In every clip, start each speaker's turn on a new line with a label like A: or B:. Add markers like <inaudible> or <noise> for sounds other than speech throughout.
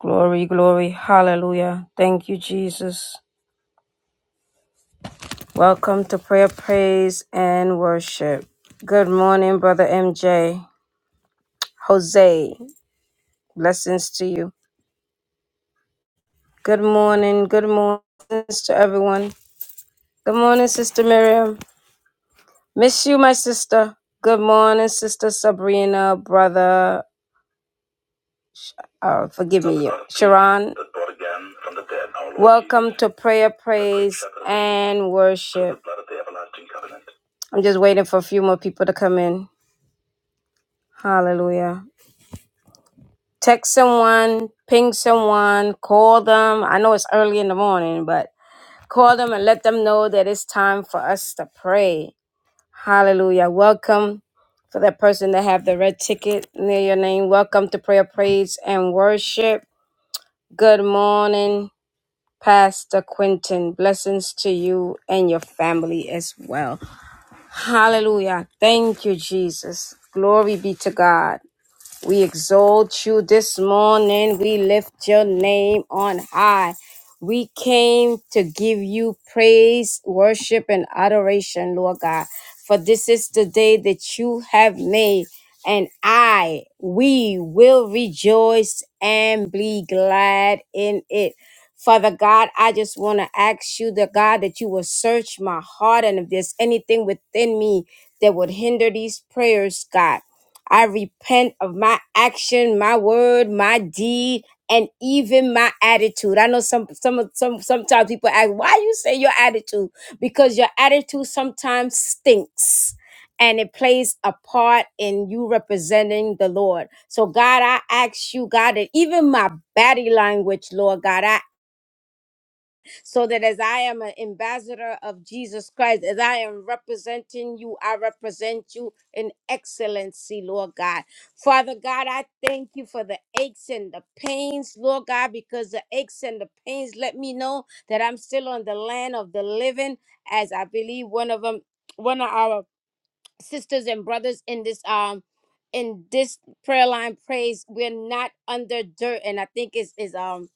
A: Glory, glory, hallelujah. Thank you, Jesus. Welcome to prayer, praise, and worship. Good morning, Brother MJ. Jose, blessings to you. Good morning, good morning to everyone. Good morning, Sister Miriam. Miss you, my sister. Good morning, Sister Sabrina, Brother Oh, forgive me, Sharon. Welcome to prayer, praise, and worship. I'm just waiting for a few more people to come in. Hallelujah. Text someone, ping someone, call them. I know it's early in the morning, but call them and let them know that it's time for us to pray. Hallelujah. Welcome for that person that have the red ticket near your name. Welcome to prayer, praise, and worship. Good morning. Pastor Quentin. Blessings to you and your family as well. Hallelujah. Thank you, Jesus. Glory be to God. We exalt you this morning. We lift your name on high. We came to give you praise, worship, and adoration, Lord God. For this is the day that you have made, and I, we will rejoice and be glad in it. Father God, I just want to ask you, the God, that you will search my heart, and if there's anything within me that would hinder these prayers, God. I repent of my action, my word, my deed, and even my attitude. I know some some some sometimes people ask, why you say your attitude? Because your attitude sometimes stinks. And it plays a part in you representing the Lord. So, God, I ask you, God, that even my body language, Lord God, I so that as I am an ambassador of Jesus Christ, as I am representing you, I represent you in excellency, Lord God. Father God, I thank you for the aches and the pains, Lord God, because the aches and the pains let me know that I'm still on the land of the living, as I believe one of them, one of our sisters and brothers in this um in this prayer line praise we're not under dirt and i think it's is um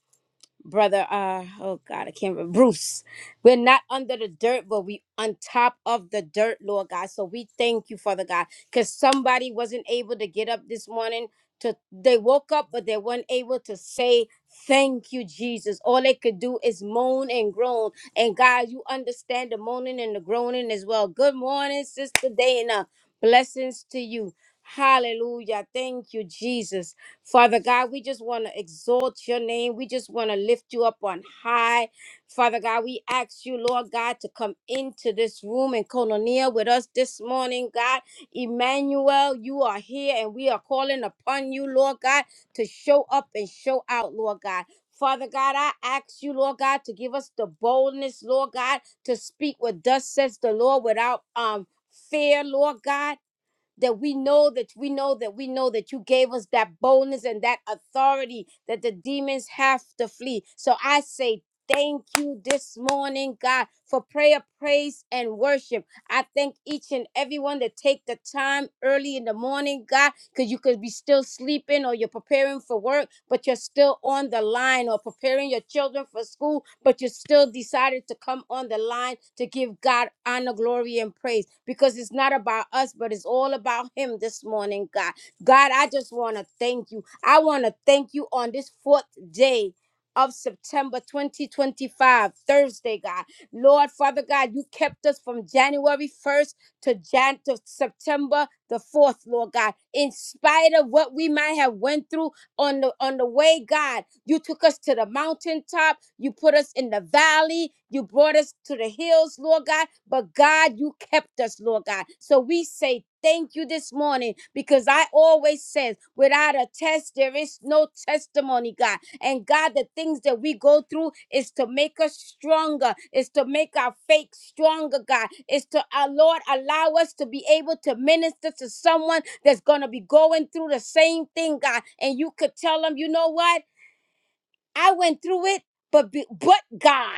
A: brother uh oh god i can't remember bruce we're not under the dirt but we on top of the dirt lord god so we thank you father god because somebody wasn't able to get up this morning to they woke up but they weren't able to say thank you jesus all they could do is moan and groan and god you understand the moaning and the groaning as well good morning sister dana blessings to you hallelujah thank you jesus Father God, we just want to exalt your name. We just want to lift you up on high. Father God, we ask you, Lord God, to come into this room and Colonia with us this morning, God. Emmanuel, you are here and we are calling upon you, Lord God, to show up and show out, Lord God. Father God, I ask you, Lord God, to give us the boldness, Lord God, to speak what thus says the Lord without um fear, Lord God that we know that we know that we know that you gave us that boldness and that authority that the demons have to flee. So I say thank you this morning, God, for prayer, praise, and worship. I thank each and everyone that take the time early in the morning, God because you could be still sleeping or you're preparing for work, but you're still on the line or preparing your children for school, but you still decided to come on the line to give God honor, glory, and praise because it's not about us, but it's all about Him this morning, God. God, I just want to thank you. I want to thank you on this fourth day. Of September 2025, Thursday, God. Lord, Father God, you kept us from January 1st to Jan to September the 4th, Lord God. In spite of what we might have went through on the on the way, God, you took us to the mountaintop, you put us in the valley, you brought us to the hills, Lord God, but God, you kept us, Lord God. So we say thank you this morning because I always says without a test there is no testimony, God. And God, the things that we go through is to make us stronger, is to make our faith stronger, God. Is to our Lord allow us to be able to minister to someone that's gonna be going through the same thing, God. And you could tell them, you know what? I went through it, but be, but God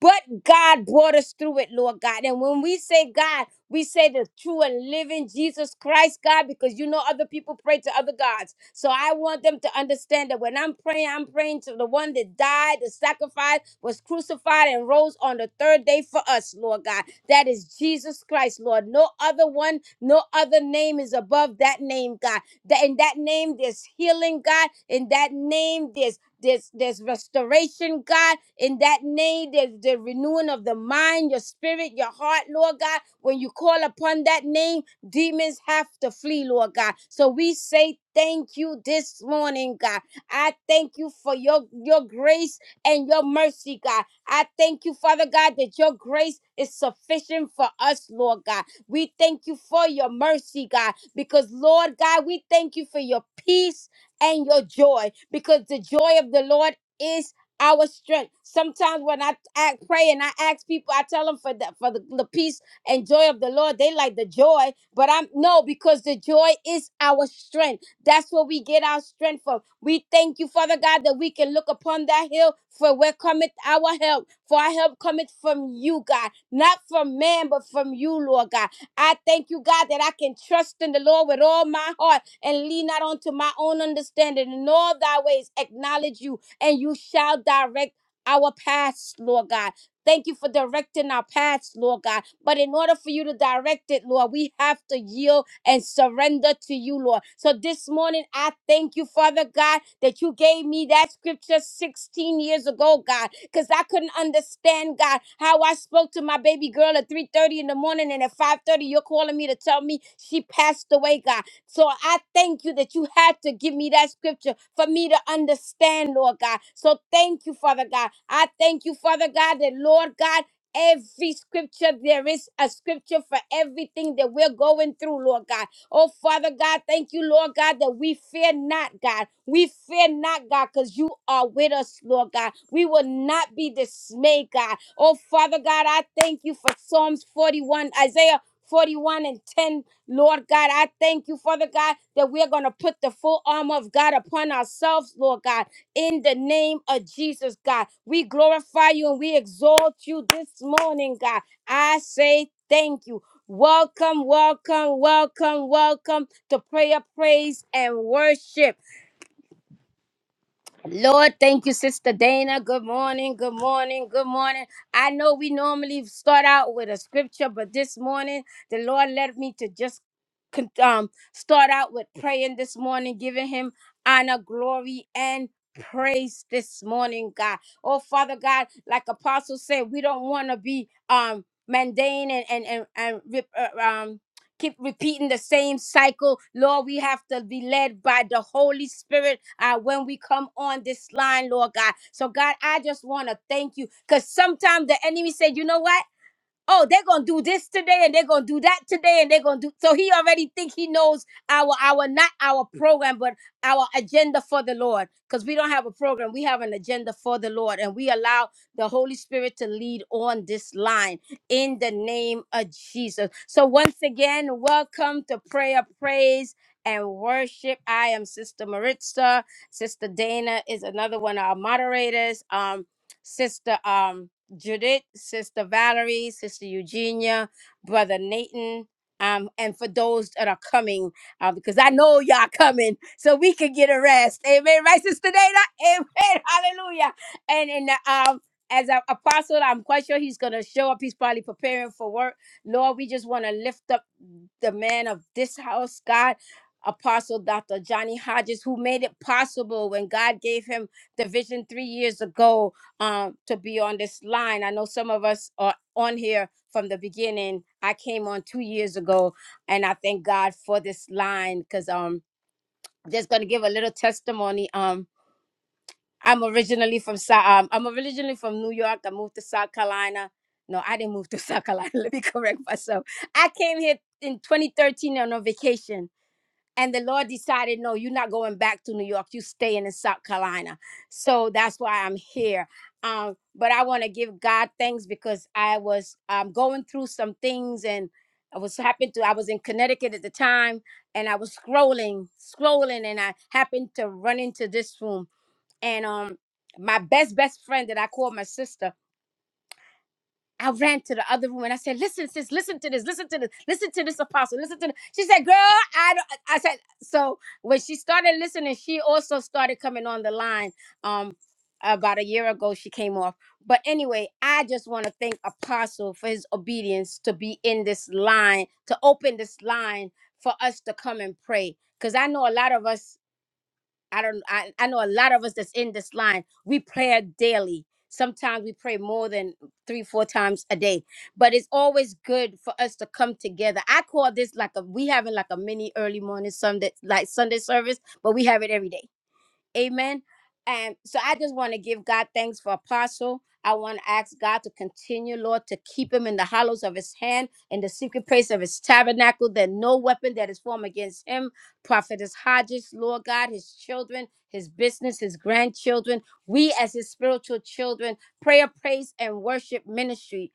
A: but God brought us through it, Lord God. And when we say God, we say the true and living Jesus Christ, God, because you know other people pray to other gods. So I want them to understand that when I'm praying, I'm praying to the one that died, the sacrifice, was crucified, and rose on the third day for us, Lord God. That is Jesus Christ, Lord. No other one, no other name is above that name, God. That in that name there's healing, God. In that name there's there's there's restoration, God, in that name. There's the renewing of the mind, your spirit, your heart, Lord God. When you call upon that name, demons have to flee, Lord God. So we say thank you this morning, God. I thank you for your your grace and your mercy, God. I thank you, Father God, that your grace is sufficient for us, Lord God. We thank you for your mercy, God, because Lord God, we thank you for your peace and your joy because the joy of the Lord is our strength. Sometimes when I act, pray and I ask people, I tell them for the for the, the peace and joy of the Lord, they like the joy, but I'm no because the joy is our strength. That's where we get our strength from. We thank you, Father God, that we can look upon that hill for where cometh our help. For our help cometh from you, God, not from man, but from you, Lord God. I thank you, God, that I can trust in the Lord with all my heart and lean not unto my own understanding. In all thy ways acknowledge you, and you shall direct our paths, Lord God. Thank you for directing our paths, Lord God. But in order for you to direct it, Lord, we have to yield and surrender to you, Lord. So this morning, I thank you, Father God, that you gave me that scripture 16 years ago, God, because I couldn't understand, God, how I spoke to my baby girl at 3:30 in the morning, and at 5:30, you're calling me to tell me she passed away, God. So I thank you that you had to give me that scripture for me to understand, Lord God. So thank you, Father God. I thank you, Father God, that Lord God, every scripture, there is a scripture for everything that we're going through, Lord God. Oh, Father God, thank you, Lord God, that we fear not, God. We fear not, God, because you are with us, Lord God. We will not be dismayed, God. Oh, Father God, I thank you for Psalms 41, Isaiah 41 and 10 Lord God, I thank you, Father God, that we're going to put the full armor of God upon ourselves, Lord God, in the name of Jesus, God. We glorify you and we exalt you this morning, God. I say thank you. Welcome, welcome, welcome, welcome to prayer, praise, and worship. Lord, thank you, Sister Dana. Good morning, good morning, good morning. I know we normally start out with a scripture, but this morning the Lord led me to just con- um, start out with praying this morning, giving Him honor, glory, and praise this morning, God. Oh, Father God, like Apostle said, we don't want to be um mundane and and and, and rip- uh, um keep repeating the same cycle. Lord, we have to be led by the Holy Spirit uh, when we come on this line, Lord God. So, God, I just want to thank you because sometimes the enemy said, you know what? oh they're gonna do this today and they're gonna do that today and they're gonna do so he already think he knows our our not our program but our agenda for the lord because we don't have a program we have an agenda for the lord and we allow the holy spirit to lead on this line in the name of jesus so once again welcome to prayer praise and worship i am sister maritza sister dana is another one of our moderators um sister um Judith, Sister Valerie, Sister Eugenia, Brother Nathan, um, and for those that are coming, uh, because I know y'all coming, so we can get a rest. Amen. Right, Sister Dana? Amen. <laughs> Hallelujah. And and uh, um, as an apostle, I'm quite sure he's gonna show up. He's probably preparing for work. Lord, we just want to lift up the man of this house, God. Apostle Dr. Johnny Hodges, who made it possible when God gave him the vision three years ago um to be on this line. I know some of us are on here from the beginning. I came on 2 years ago and I thank God for this line cuz um I'm just going to give a little testimony um I'm originally from Sou- um, I'm originally from New York. I moved to South Carolina. No, I didn't move to South Carolina. <laughs> Let me correct myself. I came here in 2013 on a vacation and the Lord decided, no, you're not going back to New York. You staying in South Carolina. So that's why I'm here. Um, but I want to give God thanks because I was um, going through some things and I was happened to, I was in Connecticut at the time and I was scrolling, scrolling, and I happened to run into this room. And um, my best, best friend that I call my sister, I ran to the other room and I said, "Listen, sis, listen to this, listen to this, listen to this apostle, listen to." This. She said, "Girl, I." Don't, I said, "So when she started listening, she also started coming on the line. Um, about a year ago, she came off. But anyway, I just want to thank Apostle for his obedience to be in this line, to open this line for us to come and pray, because I know a lot of us." I don't I, I know a lot of us that's in this line, we pray daily. Sometimes we pray more than three, four times a day. But it's always good for us to come together. I call this like a we having like a mini early morning Sunday like Sunday service, but we have it every day Amen. And so I just want to give God thanks for Apostle. I want to ask God to continue, Lord, to keep him in the hollows of his hand, in the secret place of his tabernacle, that no weapon that is formed against him, Prophetess Hodges, Lord God, his children, his business, his grandchildren, we as his spiritual children, prayer, praise, and worship ministry.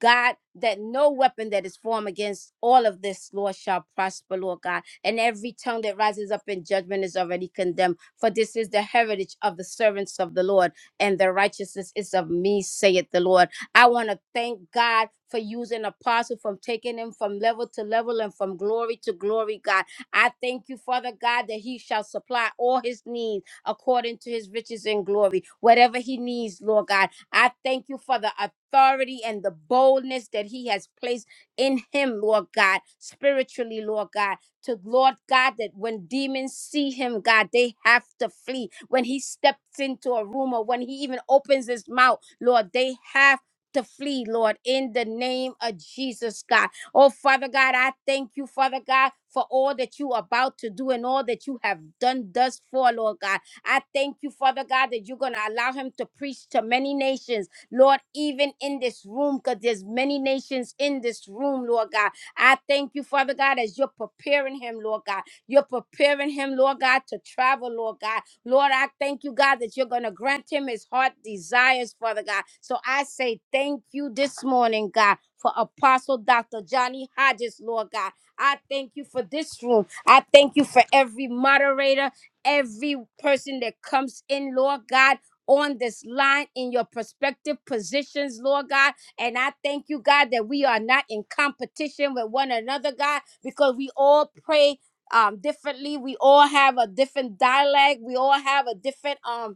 A: God, that no weapon that is formed against all of this, Lord, shall prosper, Lord God. And every tongue that rises up in judgment is already condemned. For this is the heritage of the servants of the Lord, and the righteousness is of me, saith the Lord. I want to thank God for using apostle from taking him from level to level and from glory to glory god i thank you father god that he shall supply all his needs according to his riches and glory whatever he needs lord god I thank you for the authority and the boldness that He has placed in Him, Lord God, spiritually, Lord God, to Lord God, that when demons see Him, God, they have to flee. When He steps into a room or when He even opens His mouth, Lord, they have to flee, Lord, in the name of Jesus, God. Oh, Father God, I thank you, Father God, for all that you are about to do and all that you have done thus far, Lord God. I thank you, Father God, that you're going to allow him to preach to many nations, Lord, even in this room, because there's many nations in this room, Lord God. I thank you, Father God, as you're preparing him, Lord God. You're preparing him, Lord God, to travel, Lord God. Lord, I thank you, God, that you're going to grant him his heart desires, Father God. So I say thank you this morning, God, for Apostle Dr. Johnny Hodges, Lord God. I thank you for this room. I thank you for every moderator every person that comes in, Lord God. On this line, in your prospective positions, Lord God. And I thank you, God, that we are not in competition with one another, God, because we all pray um differently. We all have a different dialect. We all have a different um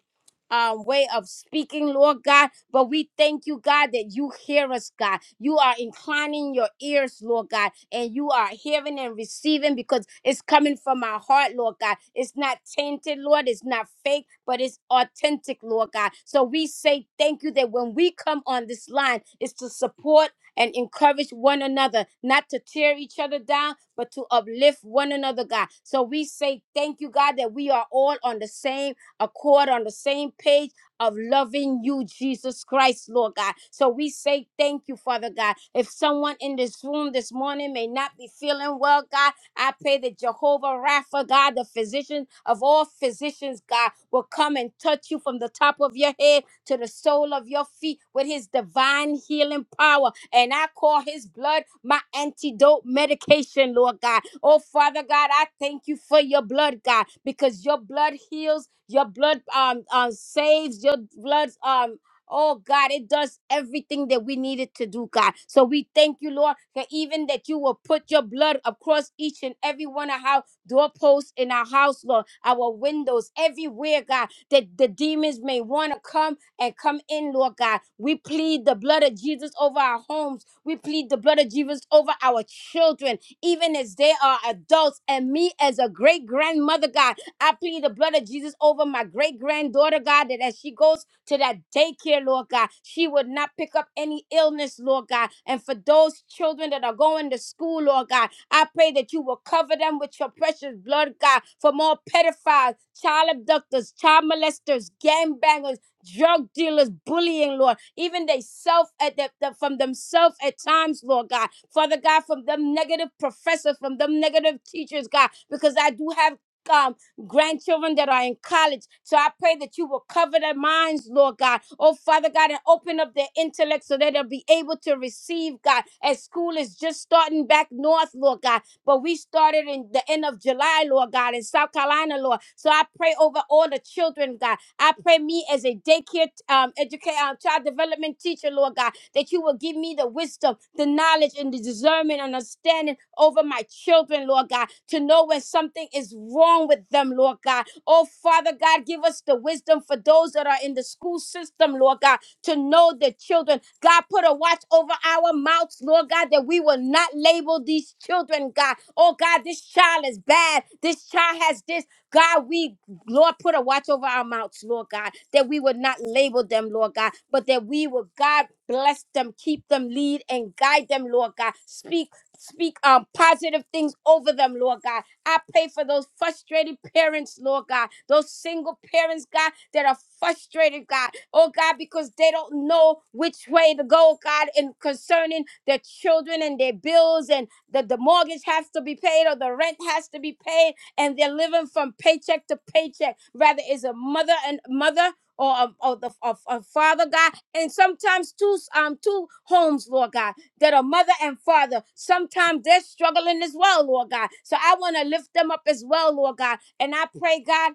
A: um, way of speaking, Lord God. But we thank you, God, that you hear us, God. You are inclining your ears, Lord God, and you are hearing and receiving because it's coming from our heart, Lord God. It's not tainted, Lord. It's not fake, but it's authentic, Lord God. So we say thank you that when we come on this line, it's to support and encourage one another, not to tear each other down, but to uplift one another, God. So we say thank you, God, that we are all on the same accord on the same page of loving you, Jesus Christ, Lord God. So we say thank you, Father God. If someone in this room this morning may not be feeling well, God, I pray that Jehovah Rapha, God, the physician of all physicians, God, will come and touch you from the top of your head to the sole of your feet with his divine healing power. And I call his blood my antidote medication, Lord God. Oh, Father God, I thank you for your blood, God, because your blood heals, your blood um, um saves, your blood um Oh God, it does everything that we needed to do, God. So we thank you, Lord, that even that you will put your blood across each and every one of our doorposts in our house, Lord, our windows, everywhere, God, that the demons may want to come and come in, Lord God. We plead the blood of Jesus over our homes. We plead the blood of Jesus over our children, even as they are adults. And me, as a great grandmother, God, I plead the blood of Jesus over my great granddaughter, God, that as she goes to that daycare, Lord God, she would not pick up any illness, Lord God. And for those children that are going to school, Lord God, I pray that you will cover them with your precious blood, God, from all pedophiles, child abductors, child molesters, gangbangers drug dealers bullying, Lord, even they self at the, the- from themselves at times, Lord God. Father God, from them negative professors, from them negative teachers, God, because I do have um grandchildren that are in college. So I pray that you will cover their minds, Lord God. Oh, Father God, and open up their intellect so that they'll be able to receive, God, as school is just starting back north, Lord God but we started in the end of July, Lord God, in South Carolina, Lord. So I pray over all the children, God. I pray me as a daycare um, educator, uh, child development teacher, Lord God, that you will give me the wisdom, the knowledge, and the discernment, and understanding over my children, Lord God, to know when something is wrong with them, Lord God. Oh, Father God, give us the wisdom for those that are in the school system, Lord God, to know their children. God, put a watch over our mouths, Lord God, that we will not not label these children, God. Oh, God, this child is bad. This child has this. God, we, Lord, put a watch over our mouths, Lord God, that we would not label them, Lord God, but that we would, God, bless them, keep them, lead and guide them, Lord God. Speak, speak um, positive things over them, Lord God I pray for those frustrated parents, Lord God, those single parents, God, that are frustrated, God, oh God, because they don't know which way to go, God, in concerning their children and their bills and that the mortgage has to be paid or the rent has to be paid, and they're living from paycheck to paycheck. Rather, is a mother and mother. Or, a, or the a, a father God, and sometimes two um two homes, Lord God that are mother and father. Sometimes they're struggling as well, Lord God. So I want to lift them up as well, Lord God. And I pray, God,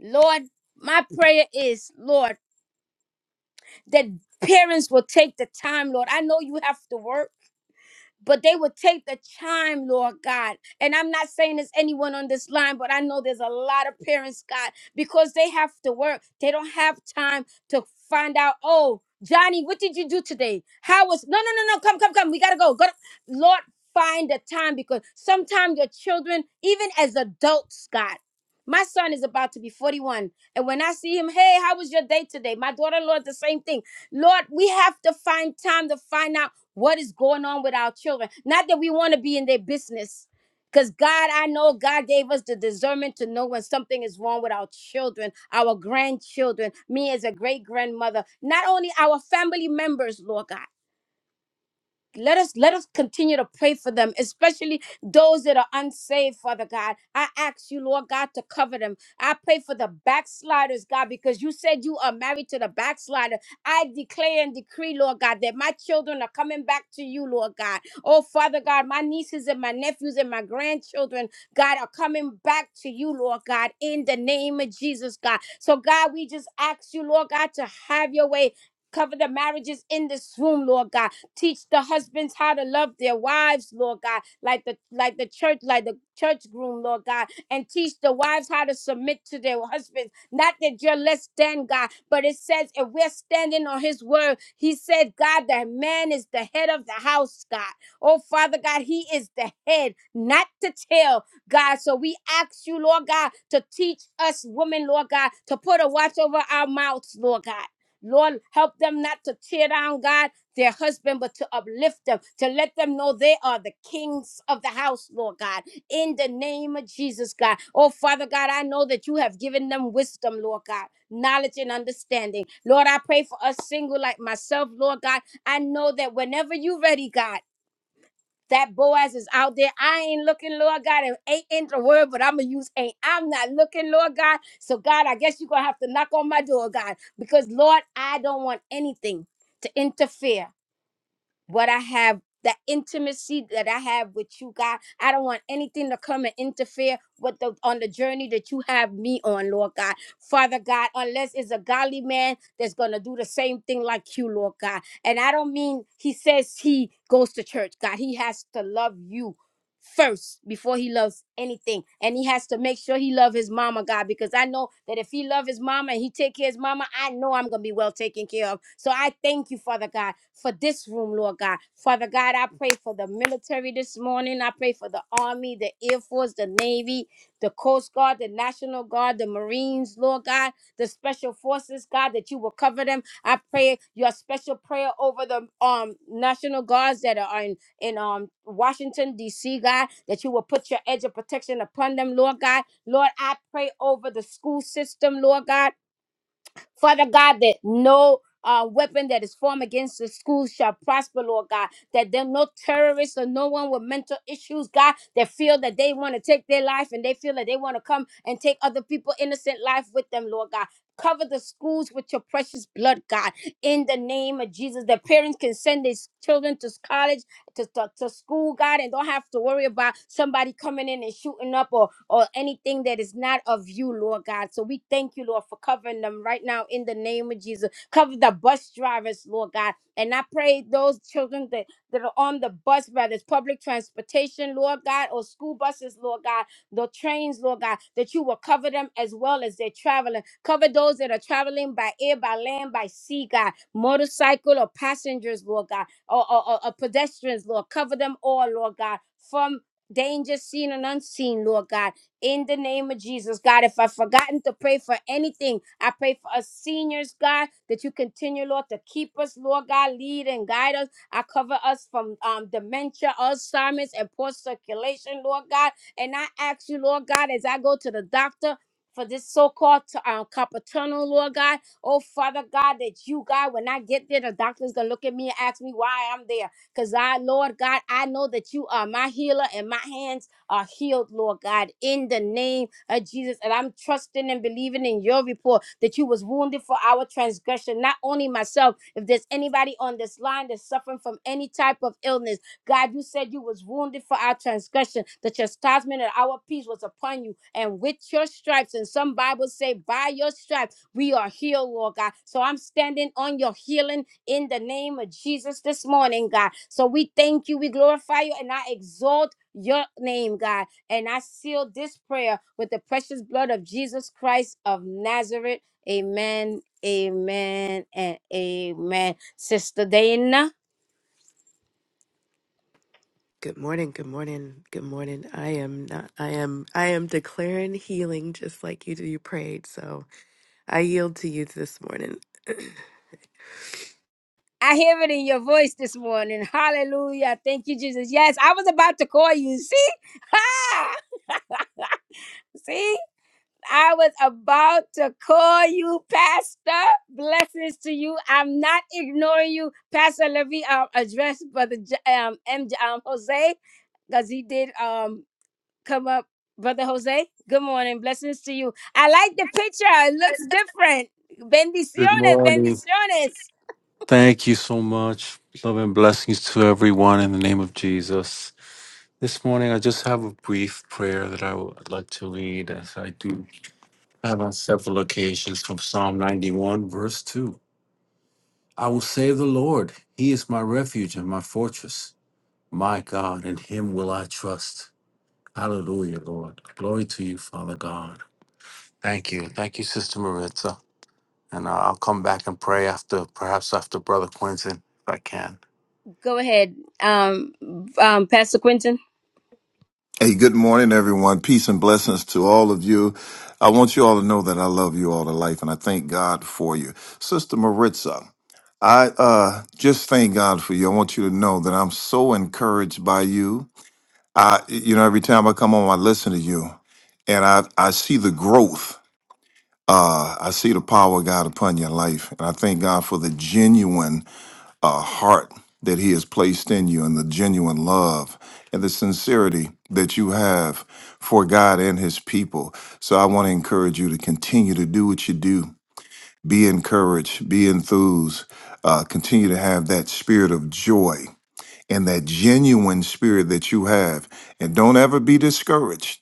A: Lord, my prayer is, Lord, that parents will take the time, Lord. I know you have to work but they would take the time, Lord God. And I'm not saying there's anyone on this line, but I know there's a lot of parents, God, because they have to work. They don't have time to find out, oh, Johnny, what did you do today? How was no no no no come come come we gotta go. Go to- Lord, find the time because sometimes your children, even as adults, God. My son is about to be 41. And when I see him, hey, how was your day today? My daughter in law, the same thing. Lord, we have to find time to find out. What is going on with our children? Not that we want to be in their business. Because God, I know God gave us the discernment to know when something is wrong with our children, our grandchildren, me as a great grandmother, not only our family members, Lord God let us let us continue to pray for them especially those that are unsaved father god i ask you lord god to cover them i pray for the backsliders god because you said you are married to the backslider i declare and decree lord god that my children are coming back to you lord god oh father god my nieces and my nephews and my grandchildren god are coming back to you lord god in the name of jesus god so god we just ask you lord god to have your way Cover the marriages in this room, Lord God. Teach the husbands how to love their wives, Lord God, like the like the church, like the church groom, Lord God, and teach the wives how to submit to their husbands. Not that you're less than God, but it says if we're standing on his word, he said, God, the man is the head of the house, God. Oh Father God, he is the head, not the tail. God. So we ask you, Lord God, to teach us women, Lord God, to put a watch over our mouths, Lord God. Lord, help them not to tear down, God their husband, but to uplift them, to let them know they are the kings of the house, Lord God, in the name of Jesus, God. Oh, Father God, I know that you have given them wisdom, Lord God, knowledge and understanding. Lord, I pray for us single like myself, Lord God. I know that whenever you're ready, God, that Boaz is out there. I ain't looking, Lord God. It ain't in the word, but I'm going to use ain't. I'm not looking, Lord God. So, God, I guess you're going to have to knock on my door, God, because, Lord, I don't want anything to interfere what I have, the intimacy that I have with you, God. I don't want anything to come and interfere with the on the journey that you have me on, Lord God. Father God, unless it's a godly man that's gonna do the same thing like you, Lord God. And I don't mean he says he goes to church, God. He has to love you first before he loves anything and he has to make sure he love his mama god because i know that if he love his mama and he take care of his mama i know i'm gonna be well taken care of so i thank you father god for this room lord god father god i pray for the military this morning i pray for the army the air force the navy the coast guard the national guard the marines lord god the special forces god that you will cover them i pray your special prayer over the um national guards that are in in um Washington D.C. God that you will put your edge of protection upon them, Lord God. Lord, I pray over the school system, Lord God, Father God, that no. Uh, weapon that is formed against the school shall prosper, Lord God. That there no terrorists or no one with mental issues, God, that feel that they want to take their life and they feel that they want to come and take other people innocent life with them, Lord God. Cover the schools with your precious blood, God in the name of Jesus. The parents can send their children to college to, to, to school, God, and don't have to worry about somebody coming in and shooting up or, or anything that is not of you, Lord God. So we thank you, Lord, for covering them right now in the name of Jesus. Cover the bus drivers, Lord God. And I pray those children that, that are on the bus, whether it's public transportation, Lord God, or school buses, Lord God, the trains, Lord God, that you will cover them as well as they're traveling. Cover those that are traveling by air, by land, by sea, God, motorcycle or passengers, Lord God or, or, or or pedestrians, Lord. Cover them all, Lord God, from danger seen and unseen, Lord God. In the name of Jesus, God, if I've forgotten to pray for anything, I pray for us seniors, God, that you continue, Lord, to keep us, Lord God, lead and guide us. I cover us from um, dementia, Alzheimer's, and poor circulation, Lord God. And I ask you, Lord God, as I go to the doctor for this so-called t- um, carpal tunnel, Lord God. Oh, Father God, that you, God, when I get there, the doctor's going to look at me and ask me why I'm there. Because I, Lord God, I know that you are my healer and my hands are healed, Lord God, in the name of Jesus. And I'm trusting and believing in your report that you was wounded for our transgression. Not only myself, if there's anybody on this line that's suffering from any type of illness, God, you said you was wounded for our transgression. The chastisement of our peace was upon you. And with your stripes, and some Bibles say by your stripes, we are healed, Lord God. So I'm standing on your healing in the name of Jesus this morning, God. So we thank you, we glorify you, and I exalt your name, God. And I seal this prayer with the precious blood of Jesus Christ of Nazareth. Amen, amen, and amen. Sister Dana.
B: Good morning, good morning, good morning. I am not I am I am declaring healing just like you do you prayed. So I yield to you this morning. <clears throat>
A: I hear it in your voice this morning. Hallelujah. Thank you, Jesus. Yes, I was about to call you. See? <laughs> Ha! See? I was about to call you, Pastor. Blessings to you. I'm not ignoring you, Pastor Levy. Um, address Brother J- um, M- um Jose, because he did um come up. Brother Jose, good morning. Blessings to you. I like the picture. It looks different.
C: Good
A: Bendiciones,
C: morning.
A: bendiciones.
C: Thank you so much. Love and blessings to everyone in the name of Jesus. This morning, I just have a brief prayer that I would like to read, as I do have on several occasions from Psalm 91, verse 2. I will say, of The Lord, He is my refuge and my fortress, my God, in Him will I trust. Hallelujah, Lord. Glory to you, Father God. Thank you. Thank you, Sister Maritza. And I- I'll come back and pray after, perhaps after Brother Quinton, if I can.
A: Go ahead, um, um, Pastor Quentin.
D: Hey, good morning, everyone. Peace and blessings to all of you. I want you all to know that I love you all to life and I thank God for you. Sister Maritza, I uh, just thank God for you. I want you to know that I'm so encouraged by you. I, you know, every time I come on, I listen to you and I, I see the growth. Uh, I see the power of God upon your life. And I thank God for the genuine uh, heart that He has placed in you and the genuine love and the sincerity that you have for God and His people. So I want to encourage you to continue to do what you do. Be encouraged, be enthused, uh, continue to have that spirit of joy and that genuine spirit that you have. And don't ever be discouraged.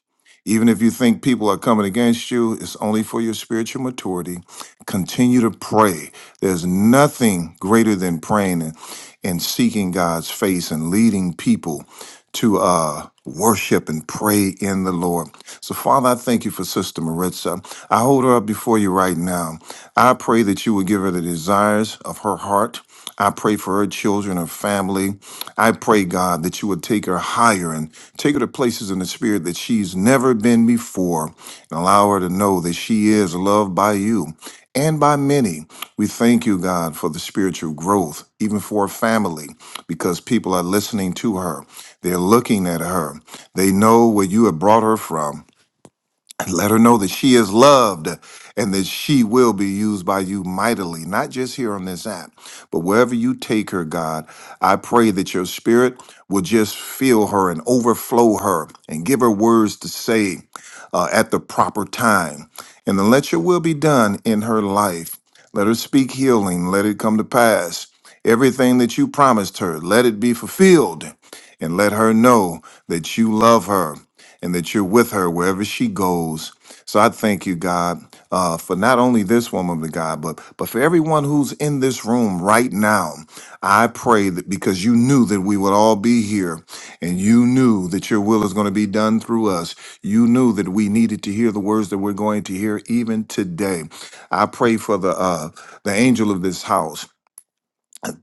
D: Even if you think people are coming against you, it's only for your spiritual maturity. Continue to pray. There's nothing greater than praying and, and seeking God's face and leading people to uh, worship and pray in the Lord. So, Father, I thank you for Sister Maritza. I hold her up before you right now. I pray that you will give her the desires of her heart. I pray for her children, her family. I pray, God, that you would take her higher and take her to places in the spirit that she's never been before and allow her to know that she is loved by you and by many. We thank you, God, for the spiritual growth, even for her family, because people are listening to her. They're looking at her. They know where you have brought her from and let her know that she is loved and that she will be used by you mightily, not just here on this app, but wherever you take her, God. I pray that your spirit will just fill her and overflow her and give her words to say uh, at the proper time. And then let your will be done in her life. Let her speak healing, let it come to pass. Everything that you promised her, let it be fulfilled. And let her know that you love her and that you're with her wherever she goes. So I thank you, God, uh, for not only this woman of God, but but for everyone who's in this room right now. I pray that because you knew that we would all be here, and you knew that your will is going to be done through us. You knew that we needed to hear the words that we're going to hear even today. I pray for the uh, the angel of this house.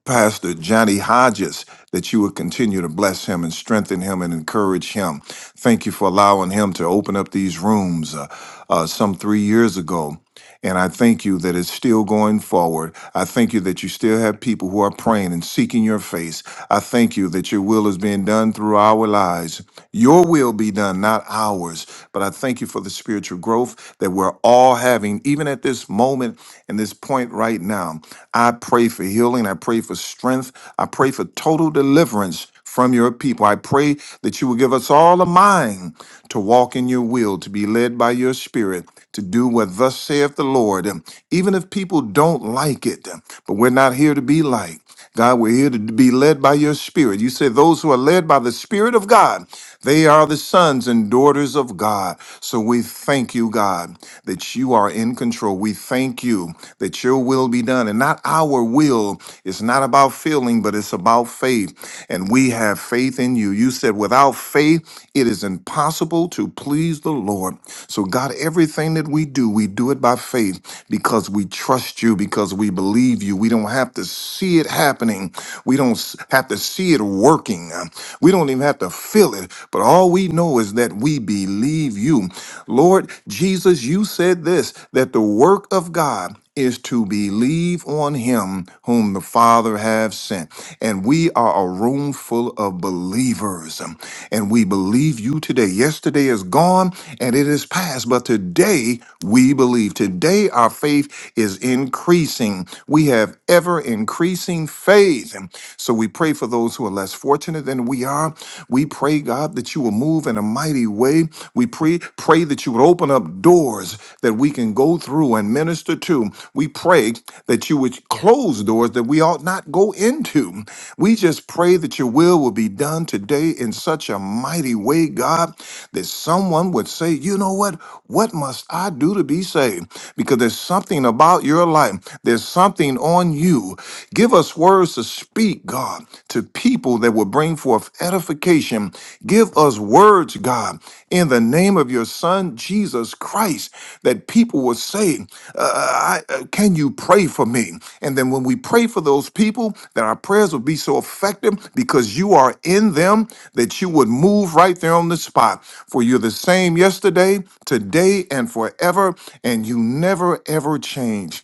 D: Pastor Johnny Hodges, that you would continue to bless him and strengthen him and encourage him. Thank you for allowing him to open up these rooms uh, uh, some three years ago. And I thank you that it's still going forward. I thank you that you still have people who are praying and seeking your face. I thank you that your will is being done through our lives. Your will be done, not ours. But I thank you for the spiritual growth that we're all having, even at this moment and this point right now. I pray for healing. I pray for strength. I pray for total deliverance from your people. I pray that you will give us all a mind to walk in your will, to be led by your spirit, to do what thus saith the Lord, even if people don't like it. But we're not here to be liked. God, we're here to be led by your spirit. You say those who are led by the spirit of God, they are the sons and daughters of God. So we thank you, God, that you are in control. We thank you that your will be done and not our will. It's not about feeling, but it's about faith. And we have faith in you. You said without faith, it is impossible to please the Lord. So God, everything that we do, we do it by faith because we trust you, because we believe you. We don't have to to see it happening. We don't s- have to see it working. Uh, We don't even have to feel it. But all we know is that we believe you. Lord Jesus, you said this that the work of God is to believe on him whom the Father have sent. And we are a room full of believers. um, And we believe you today. Yesterday is gone and it is past, but today we believe. Today our faith is increasing. We have have ever increasing faith. And so we pray for those who are less fortunate than we are. We pray, God, that you will move in a mighty way. We pray, pray that you would open up doors that we can go through and minister to. We pray that you would close doors that we ought not go into. We just pray that your will will be done today in such a mighty way, God, that someone would say, you know what? What must I do to be saved? Because there's something about your life. There's something on you. Give us words to speak, God, to people that will bring forth edification. Give us words, God, in the name of your Son, Jesus Christ, that people will say, uh, I, uh, Can you pray for me? And then when we pray for those people, that our prayers will be so effective because you are in them that you would move right there on the spot. For you're the same yesterday, today, and forever, and you never, ever change.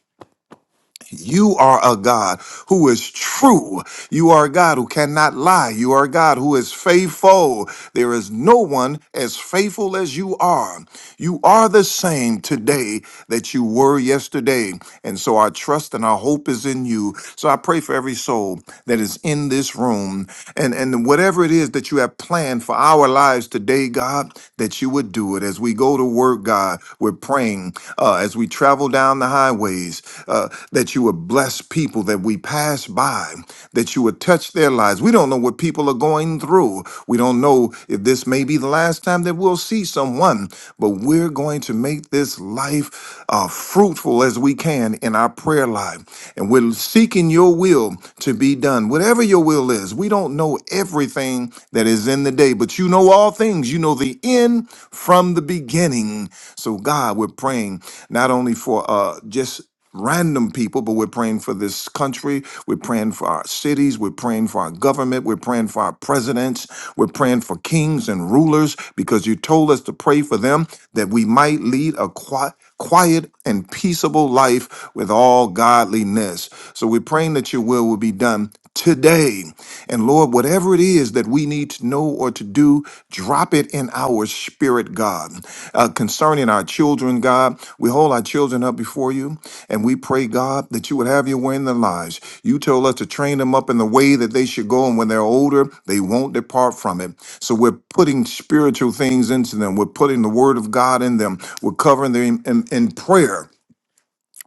D: You are a God who is true. You are a God who cannot lie. You are a God who is faithful. There is no one as faithful as you are. You are the same today that you were yesterday. And so our trust and our hope is in you. So I pray for every soul that is in this room and, and whatever it is that you have planned for our lives today, God, that you would do it as we go to work, God. God. We're praying uh, as we travel down the highways uh, that you would bless people that we pass by, that you would touch their lives. We don't know what people are going through. We don't know if this may be the last time that we'll see someone, but we're going to make this life uh, fruitful as we can in our prayer life. And we're seeking your will to be done. Whatever your will is, we don't know everything that is in the in the day, but you know all things. You know the end from the beginning. So, God, we're praying not only for uh, just random people, but we're praying for this country. We're praying for our cities. We're praying for our government. We're praying for our presidents. We're praying for kings and rulers because you told us to pray for them that we might lead a quiet, quiet and peaceable life with all godliness. So we're praying that your will will be done today. And Lord, whatever it is that we need to know or to do, drop it in our spirit, God. Uh, concerning our children, God, we hold our children up before you and we pray, God, that you would have your way in their lives. You told us to train them up in the way that they should go, and when they're older, they won't depart from it. So we're putting spiritual things into them. We're putting the word of God in them. We're covering them in, in prayer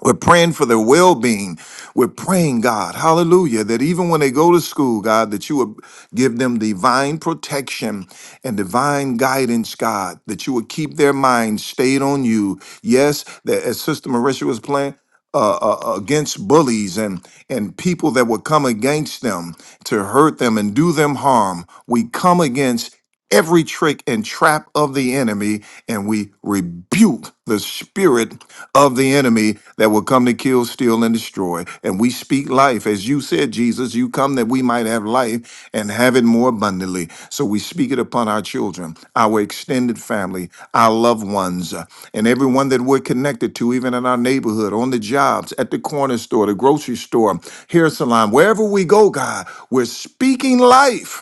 D: we're praying for their well being. We're praying, God, hallelujah, that even when they go to school, God, that you would give them divine protection and divine guidance, God, that you would keep their minds stayed on you. Yes, that as Sister Marisha was playing, uh, uh, against bullies and and people that would come against them to hurt them and do them harm. We come against every trick and trap of the enemy, and we rebuke the spirit of the enemy that will come to kill, steal, and destroy. And we speak life. As you said, Jesus, you come that we might have life and have it more abundantly. So we speak it upon our children, our extended family, our loved ones, uh, and everyone that we're connected to, even in our neighborhood, on the jobs, at the corner store, the grocery store, hair salon, wherever we go, God, we're speaking life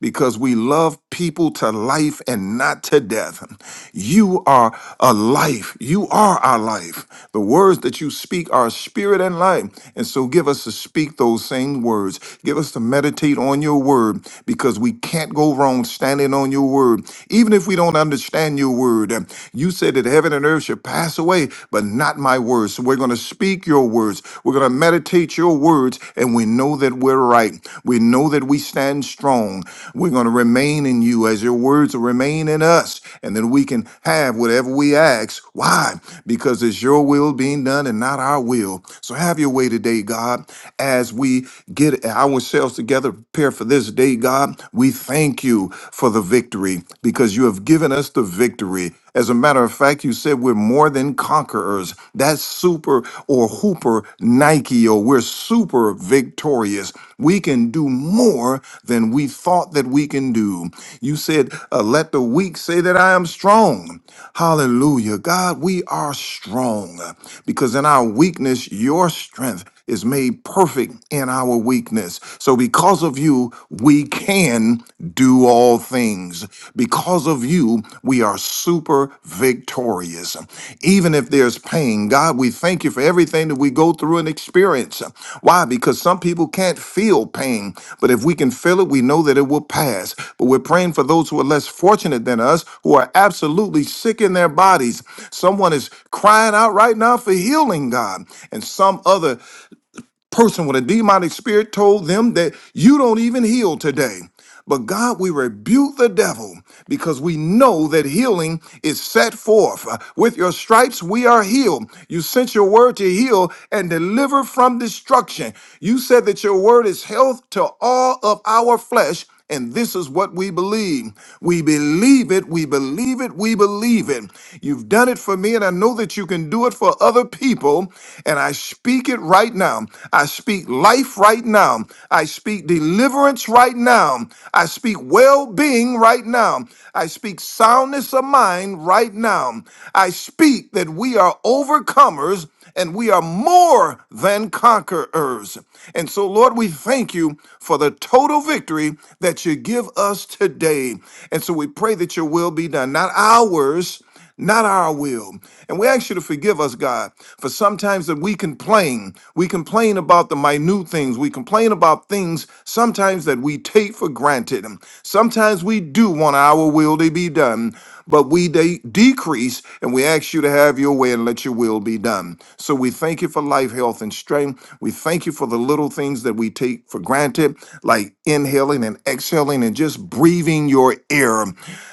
D: because we love people to life and not to death. You are a life. You are our life. The words that you speak are spirit and life. And so give us to speak those same words. Give us to meditate on your word because we can't go wrong standing on your word. Even if we don't understand your word, um, you said that heaven and earth should pass away, but not my words. So we're going to speak your words. We're going to meditate your words and we know that we're right. We know that we stand strong. We're going to remain in you as your words will remain in us and then we can have whatever we ask. Why? Because it's your will being done and not our will. So have your way today, God, as we get ourselves together, prepare for this day, God. We thank you for the victory because you have given us the victory. As a matter of fact, you said we're more than conquerors. That's super or hooper Nike, or we're super victorious. We can do more than we thought that we can do. You said, uh, Let the weak say that I am strong. Hallelujah. God, we are strong because in our weakness, your strength is made perfect in our weakness. So, because of you, we can do all things. Because of you, we are super victorious. Even if there's pain, God, we thank you for everything that we go through and experience. Why? Because some people can't feel pain, but if we can feel it, we know that it will pass. But we're praying for those who are less fortunate than us, who are absolutely sick in their bodies. Someone is crying out right now for healing, God, and some other person with a demonic spirit told them that you don't even heal today. But God, we rebuke the devil because we know that healing is set forth. Uh, With your stripes, we are healed. You sent your word to heal and deliver from destruction. You said that your word is health to all of our flesh and this is what we believe. We believe it. We believe it. We believe it. You've done it for me, and I know that you can do it for other people. And I speak it right now. I speak life right now. I speak deliverance right now. I speak well being right now. I speak soundness of mind right now. I speak that we are overcomers and we are more than conquerors. And so, Lord, we thank you for the total victory that you give us today. And so we pray that your will be done, not ours. Not our will. And we ask you to forgive us, God, for sometimes that we complain. We complain about the minute things. We complain about things sometimes that we take for granted. Sometimes we do want our will to be done but we de- decrease and we ask you to have your way and let your will be done. So we thank you for life, health, and strength. We thank you for the little things that we take for granted, like inhaling and exhaling and just breathing your air,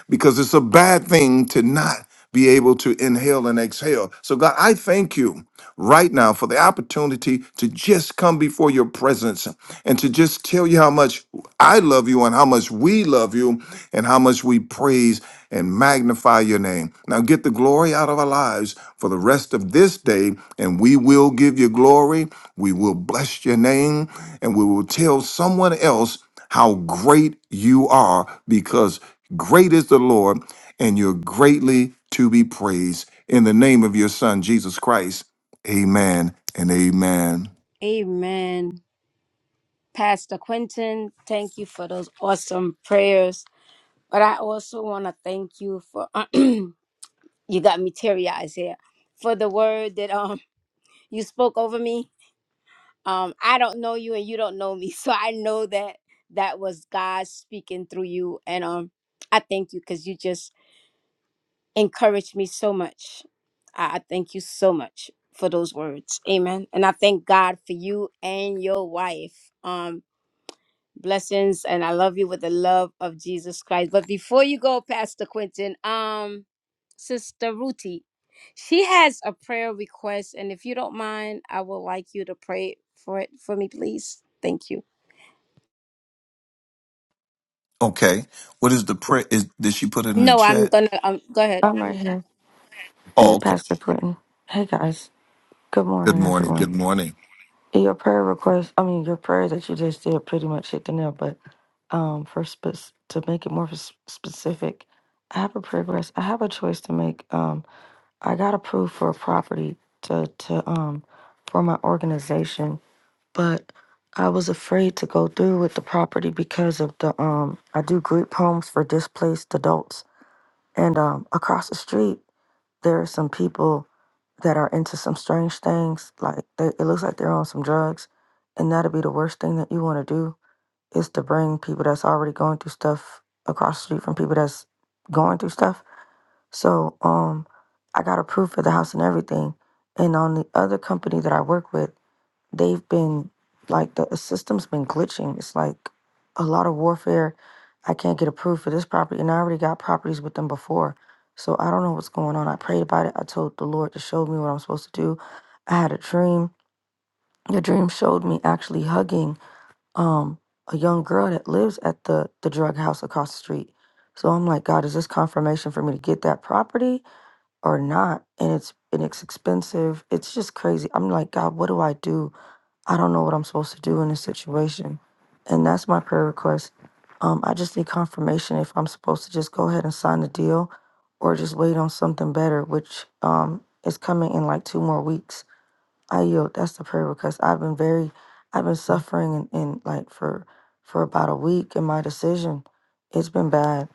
D: because it's a bad thing to not be able to inhale and exhale. So, God, I thank you right now for the opportunity to just come before your presence and to just tell you how much I love you and how much we love you and how much we praise and magnify your name. Now get the glory out of our lives for the rest of this day, and we will give you glory. We will bless your name, and we will tell someone else how great you are because great is the Lord, and you're greatly to be praised in the name of your Son, Jesus Christ. Amen and amen.
A: Amen. Pastor Quentin, thank you for those awesome prayers. But I also want to thank you for <clears throat> you got me teary eyes here for the word that um you spoke over me. Um, I don't know you and you don't know me, <laughs> so I know that that was God speaking through you. And um, I thank you because you just encouraged me so much. I I thank you so much for those words. Amen. And I thank God for you and your wife. Um, blessings, and I love you with the love of Jesus Christ. But before you go, Pastor Quentin, um, Sister Ruti, she has a prayer request, and if you don't mind, I would like you to pray for it for me, please. Thank you.
D: Okay. What is the prayer? Is did she put it in the
A: No, I'm
D: chat?
A: gonna um, go ahead.
E: I'm right here. Hey,
D: Oh, okay.
E: Pastor Quentin. Hey, guys. Good
D: Good
E: morning,
D: morning.
E: everyone.
D: Good morning.
E: Your prayer request, I mean, your prayer that you just did pretty much hit the nail, but um, for spe- to make it more s- specific, I have a prayer request. I have a choice to make. Um, I got approved for a property to, to um, for my organization, but I was afraid to go through with the property because of the um, I do group homes for displaced adults, and um, across the street. there are some people that are into some strange things. Like they, it looks like they're on some drugs, and that'd be the worst thing that you want to do is to bring people that's already going through stuff across the street from people that's going through stuff. So um, I got approved for the house and everything. And on the other company that I work with, they've been like the system's been glitching. It's like a lot of warfare. I can't get approved for this property, and I already got properties with them before. So I don't know what's going on. I prayed about it. I told the Lord to show me what I'm supposed to do. I had a dream. The dream showed me actually hugging um a young girl that lives at the the drug house across the street. So I'm like, God, is this confirmation for me to get that property or not? And it's and it's expensive. It's just crazy. I'm like, God, what do I do? I don't know what I'm supposed to do in this situation. And that's my prayer request. Um, I just need confirmation if I'm supposed to just go ahead and sign the deal or just wait on something better, which um, is coming in like two more weeks. I yield. That's the prayer request. I've been very, I've been suffering in, in like for for about a week in my decision. It's been bad.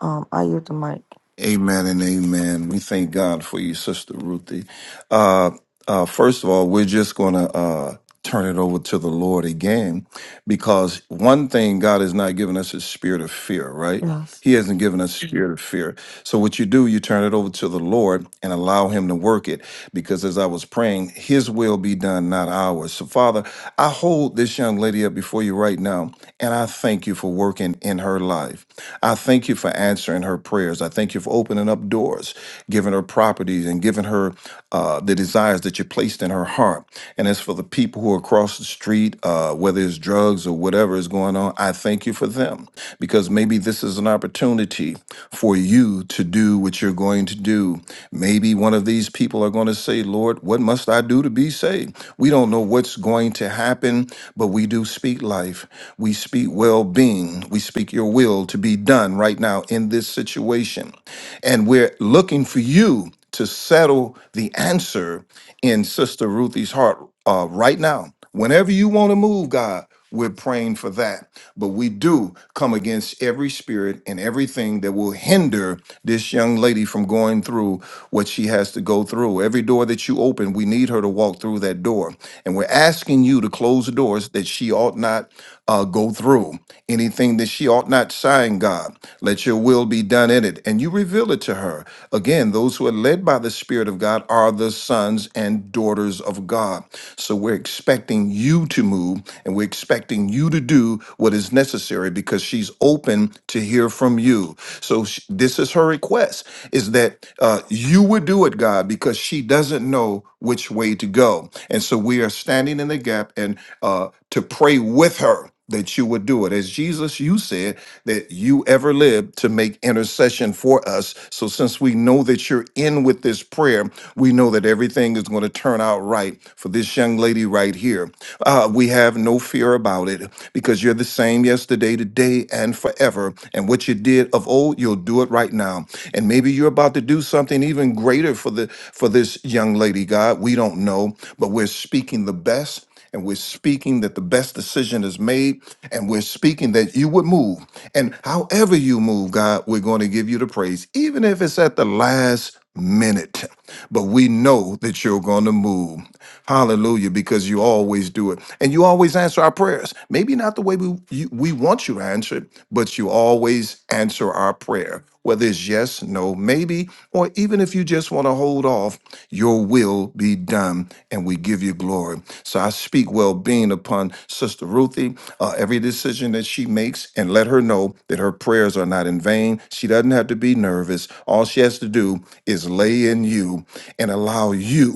E: Um, I yield the mic.
D: Amen and amen. We thank God for you, Sister Ruthie. Uh, uh, first of all, we're just going to uh, turn it over to the Lord again because one thing God has not given us is spirit of fear, right?
E: Yes.
D: He hasn't given us a spirit of fear. So what you do, you turn it over to the Lord and allow him to work it. Because as I was praying, his will be done, not ours. So Father, I hold this young lady up before you right now, and I thank you for working in her life. I thank you for answering her prayers. I thank you for opening up doors, giving her properties, and giving her uh, the desires that you placed in her heart. And as for the people who are across the street, uh, whether it's drugs or whatever is going on, I thank you for them because maybe this is an opportunity for you to do what you're going to do. Maybe one of these people are going to say, Lord, what must I do to be saved? We don't know what's going to happen, but we do speak life. We speak well being. We speak your will to be done right now in this situation. And we're looking for you to settle the answer in Sister Ruthie's heart uh, right now. Whenever you want to move, God, we're praying for that. But we do come against every spirit and everything that will hinder this young lady from going through what she has to go through. Every door that you open, we need her to walk through that door. And we're asking you to close the doors that she ought not uh, go through. Anything that she ought not sign, God, let your will be done in it. And you reveal it to her. Again, those who are led by the Spirit of God are the sons and daughters of God. So we're expecting you to move and we're expecting you to do what is necessary because she's open to hear from you. So sh- this is her request is that uh, you would do it, God, because she doesn't know which way to go. And so we are standing in the gap and uh, to pray with her that you would do it. As Jesus, you said that you ever lived to make intercession for us. So since we know that you're in with this prayer, we know that everything is going to turn out right for this young lady right here. Uh, we have no fear about it because you're the same yesterday, today, and forever. And what you did of old, you'll do it it right now. And maybe you're about to do something even greater for the for this young lady, God. We don't know, but we're speaking the best and we're speaking that the best decision is made and we're speaking that you would move. And however you move, God, we're going to give you the praise even if it's at the last minute. But we know that you're going to move. Hallelujah, because you always do it. And you always answer our prayers. Maybe not the way we, you, we want you to answer it, but you always answer our prayer, whether it's yes, no, maybe, or even if you just want to hold off resolve, your will be done, and we give you glory. So I speak well being upon Sister Ruthie, uh, every decision that she makes, and let her know that her prayers are not in vain. She doesn't have to be nervous. All she has to do is lay in you and allow you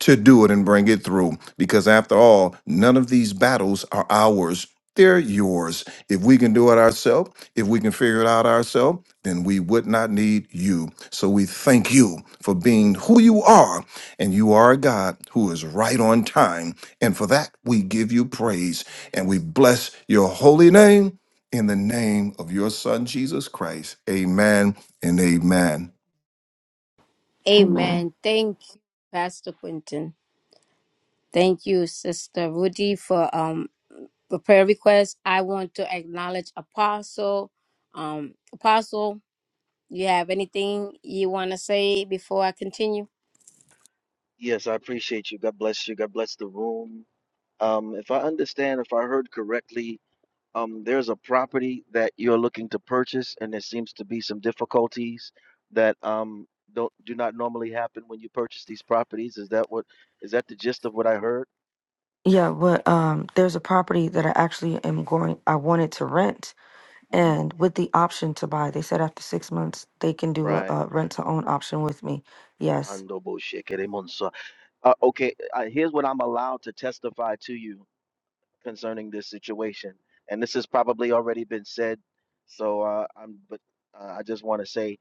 D: to do it and bring it through. Because after all, none of these battles are ours, they're yours. If we can do it ourselves, if we can figure it out ourselves, then we would not need you. So we thank you for being who you are. And you are a God who is right on time. And for that, we give you praise and we bless your holy name in the name of your son, Jesus Christ. Amen and amen.
E: Amen.
A: Amen. Thank you, Pastor Quentin. Thank you, Sister Rudy, for um For prayer requests, I want to acknowledge Apostle. Um, Apostle, you have anything you want to say before I continue?
F: Yes, I appreciate you. God bless you. God bless the room. Um, if I understand, if I heard correctly, um, there's a property that you're looking to purchase, and there seems to be some difficulties that um, don't do not normally happen when you purchase these properties. Is that what? Is that the gist of what I heard?
E: Yeah, but um, there's a property that I actually am going. I wanted to rent,
F: hmm
E: and with the option to buy. They said after six months they can do a,
F: Right.
E: a rent to own option with me. Yes.
F: Ando bo shekere monso. Uh, okay, uh, here's what I'm allowed to testify to you. concerning this situation. And this has probably already been said. So uh, I'm, but uh, I just want to say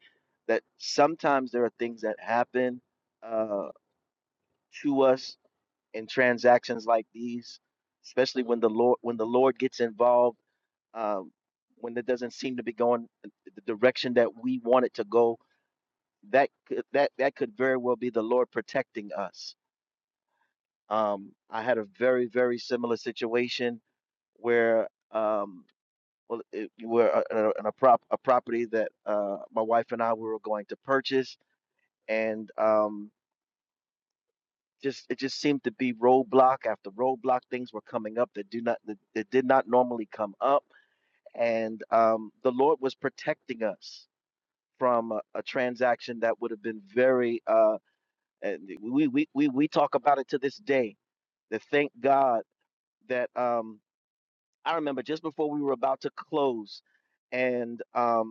F: that sometimes there are things that happen uh, to us in transactions like these, especially when the Lord, when the Lord gets involved, um, when it doesn't seem to be going the direction that we want it to go. That could, that that could very well be the Lord protecting us. Um, I had a very very similar situation where. Um, well, it, we're uh, uh, in a prop a property that uh, my wife and I we were going to purchase, and um, just it just seemed to be roadblock after roadblock. Things were coming up that do not that, that did not normally come up, and um, the Lord was protecting us from a, a transaction that would have been very. Uh, and we, we we we talk about it to this day. That thank God that um, I remember just before we were about to close, and um,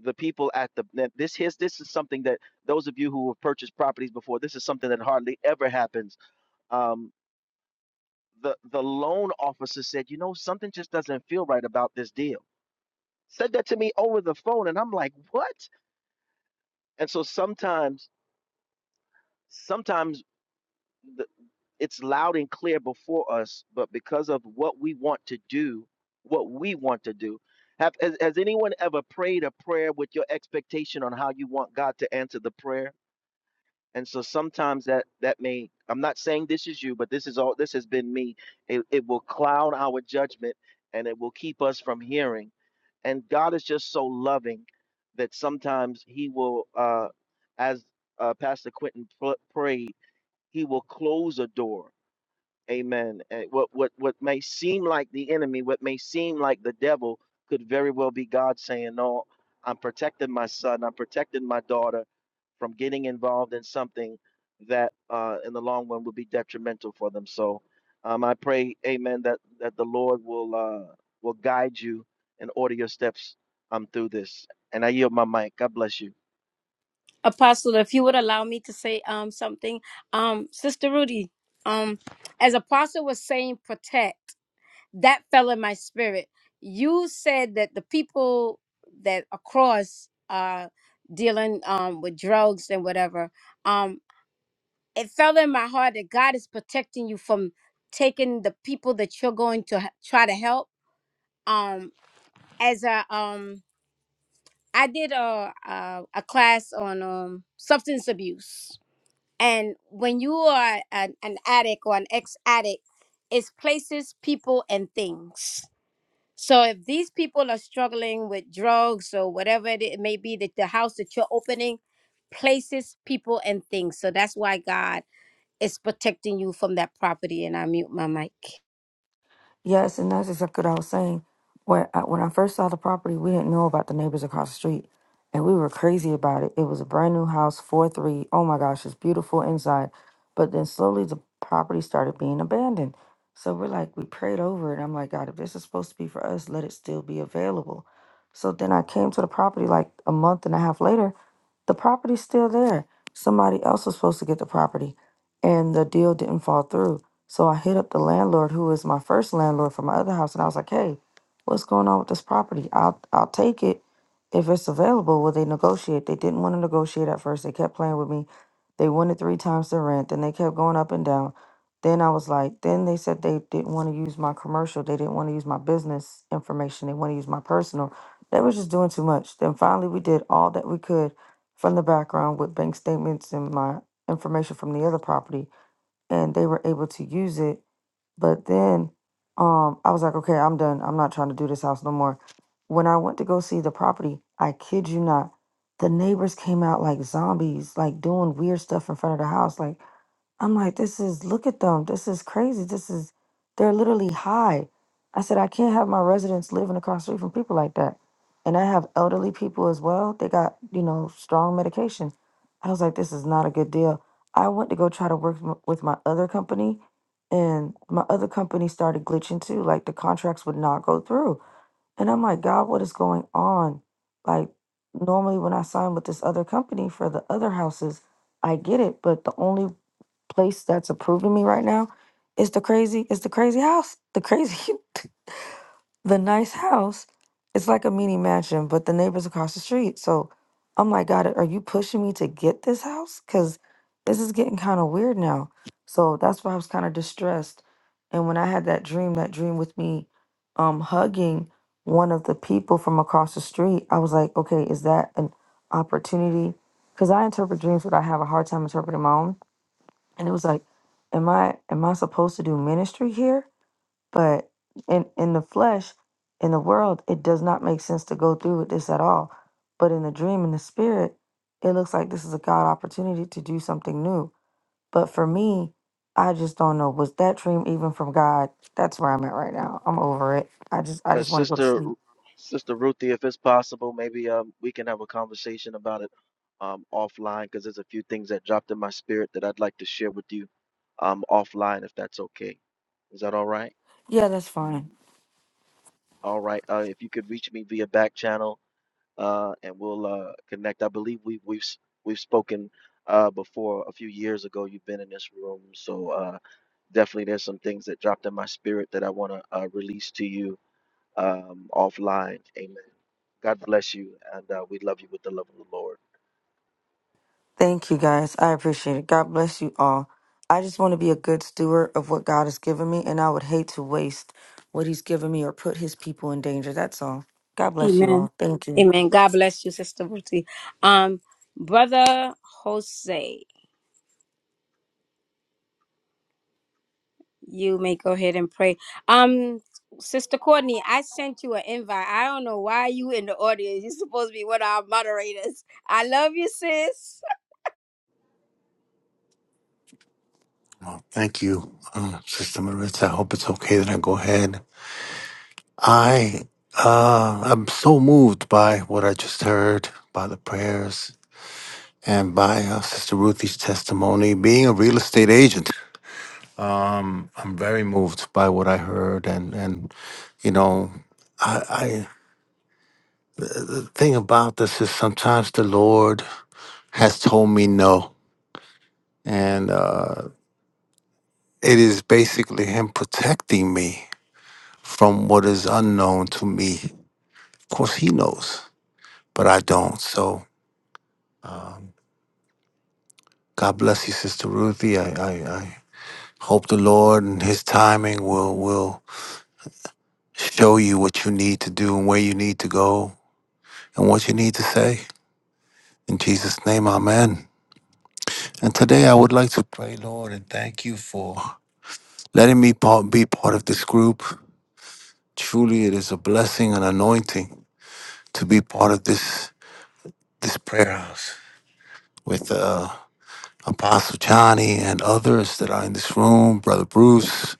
F: the people at the that this his this is something that those of you who have purchased properties before this is something that hardly ever happens um the the loan officer said you know something just doesn't feel right about this deal said that to me over the phone and i'm like what and so sometimes sometimes the, it's loud and clear before us but because of what we want to do what we want to do have has, has anyone ever prayed a prayer with your expectation on how you want god to answer the prayer and so sometimes that that may i'm not saying this is you but this is all this has been me it, it will cloud our judgment and it will keep us from hearing and god is just so loving that sometimes he will uh as uh pastor quentin pl- prayed he will close a door amen and what what what may seem like the enemy what may seem like the devil could very well be god saying no i'm protecting my son i'm protecting my daughter from getting involved in something that uh, in the long run will be detrimental for them. So um, I pray, Amen, that that the Lord will uh, will guide you and order your steps um, through this. And I yield my mic. God bless you,
A: Apostle, if you would allow me to say um something, um, Sister Rudy, um, as Apostle was saying, protect that fell in my spirit. You said that the people that across are dealing um with drugs and whatever. Um, it fell in my heart that God is protecting you from taking the people that you're going to h- try to help. Um, as a um, I did a a, a class on um substance abuse, and when you are an, an addict or an ex addict, it's places, people, and things. So if these people are struggling with drugs or whatever it i- may be, that the house that you're opening, places, people, and things. So that's why God it's protecting you from that property. And I mute my mic.
E: Yes, and that's exactly what I was saying. When I, when I first saw the property, we didn't know about the neighbors across the street, and we were crazy about it. It was a brand new house, four three. Oh my gosh, it's beautiful inside, but then slowly the property started being abandoned. So we're like, we prayed over it. I'm like, God, if this is supposed to be for us, let it still be available. So then I came to the property like a month and a half later. The property's still there. Somebody else was supposed to get the property, and the deal didn't fall through. So I hit up the landlord, who is my first landlord for my other house, and I was like, "Hey, what's going on with this property? I'll I'll take it if it's available." Will they negotiate? They didn't want to negotiate at first. They kept playing with me. They wanted three times the rent, then they kept going up and down. Then I was like, then they said they didn't want to use my commercial. They didn't want to use my business information. They want to use my personal. They were just doing too much. Then finally, we did all that we could from the background with bank statements and my information from the other property and they were able to use it. But then um, I was like, okay, I'm done. I'm not trying to do this house no more. When I went to go see the property, I kid you not, the neighbors came out like zombies, like doing weird stuff in front of the house. Like I'm like, this is, look at them. This is crazy. This is, they're literally high. I said, I can't have my residents living across the street from people like that. And I have elderly people as well. They got, you know, strong medication. I was like, this is not a good deal. I went to go try to work m- with my other company, and my other company started glitching too. Like the contracts would not go through. And I'm like, God, what is going on? Like, normally when I sign with this other company for the other houses, I get it, but the only place that's approving me right now is the crazy is the crazy house. The crazy <laughs> the nice house. It's like a mini mansion, but the neighbors across the street. So I'm like, God, are you pushing me to get this house? Cause this is getting kind of weird now. So that's why I was kind of distressed. And when I had that dream, that dream with me um hugging one of the people from across the street, I was like, okay, is that an opportunity? Because I interpret dreams, but I have a hard time interpreting my own and it was like am i am i supposed to do ministry here but in in the flesh in the world it does not make sense to go through with this at all but in the dream in the spirit it looks like this is a god opportunity to do something new but for me i just don't know was that dream even from god that's where i'm at right now i'm over it i just i
F: uh,
E: just want to go to
F: Sister
E: sleep
F: Sister Ruthie. If it's possible, maybe um, we can have a conversation about it um, offline because there's a few things that dropped in my spirit that I'd like to share with you um, offline if that's okay. Is that all right?
E: yeah that's
F: Mhm.
E: fine
F: All right. Uh, if you could reach me via back channel uh, and we'll uh, connect. I believe we we've s- we've spoken uh, before a few years ago. You've been in this room, so uh, definitely there's some things that dropped in my spirit that I want to uh, release to you um, offline. Amen. God bless you, and uh, we love you with the love of the Lord.
E: Thank you guys. I appreciate it. God bless you all. I just want to be a good steward of what God has given me, and I would hate to waste what He's given me or put His people in danger. That's all. God bless you
A: Amen.
E: all. Thank you.
A: Amen. God bless you, Sister Ruthie. Um, Brother Jose, you may go ahead and pray. Um, Sister Courtney, I sent you an invite. I don't know why you in the audience. You're supposed to be one of our moderators. I love you, sis.
C: Well, thank you, uh, Sister Maritza. I hope it's okay that I go ahead. I uh, I'm so moved by what I just heard, by the prayers, and by uh, Sister Ruthie's testimony. Being a real estate agent, um, I'm very moved by what I heard, and and you know, I, I the the thing about this is sometimes the Lord has told me no, and uh, it is basically Him protecting me from what is unknown to me. Of course, he knows, but I don't. So, um, God bless you, Sister Ruthie. I, I, I hope the Lord and His timing will will show you what you need to do and where you need to go and what you need to say. In Jesus' name, Amen. And today, I would like to pray, Lord, and thank you for letting me part, be part of this group. Truly, it is a blessing and anointing to be part of this this prayer house with uh, Apostle Johnny and others that are in this room, Brother Bruce,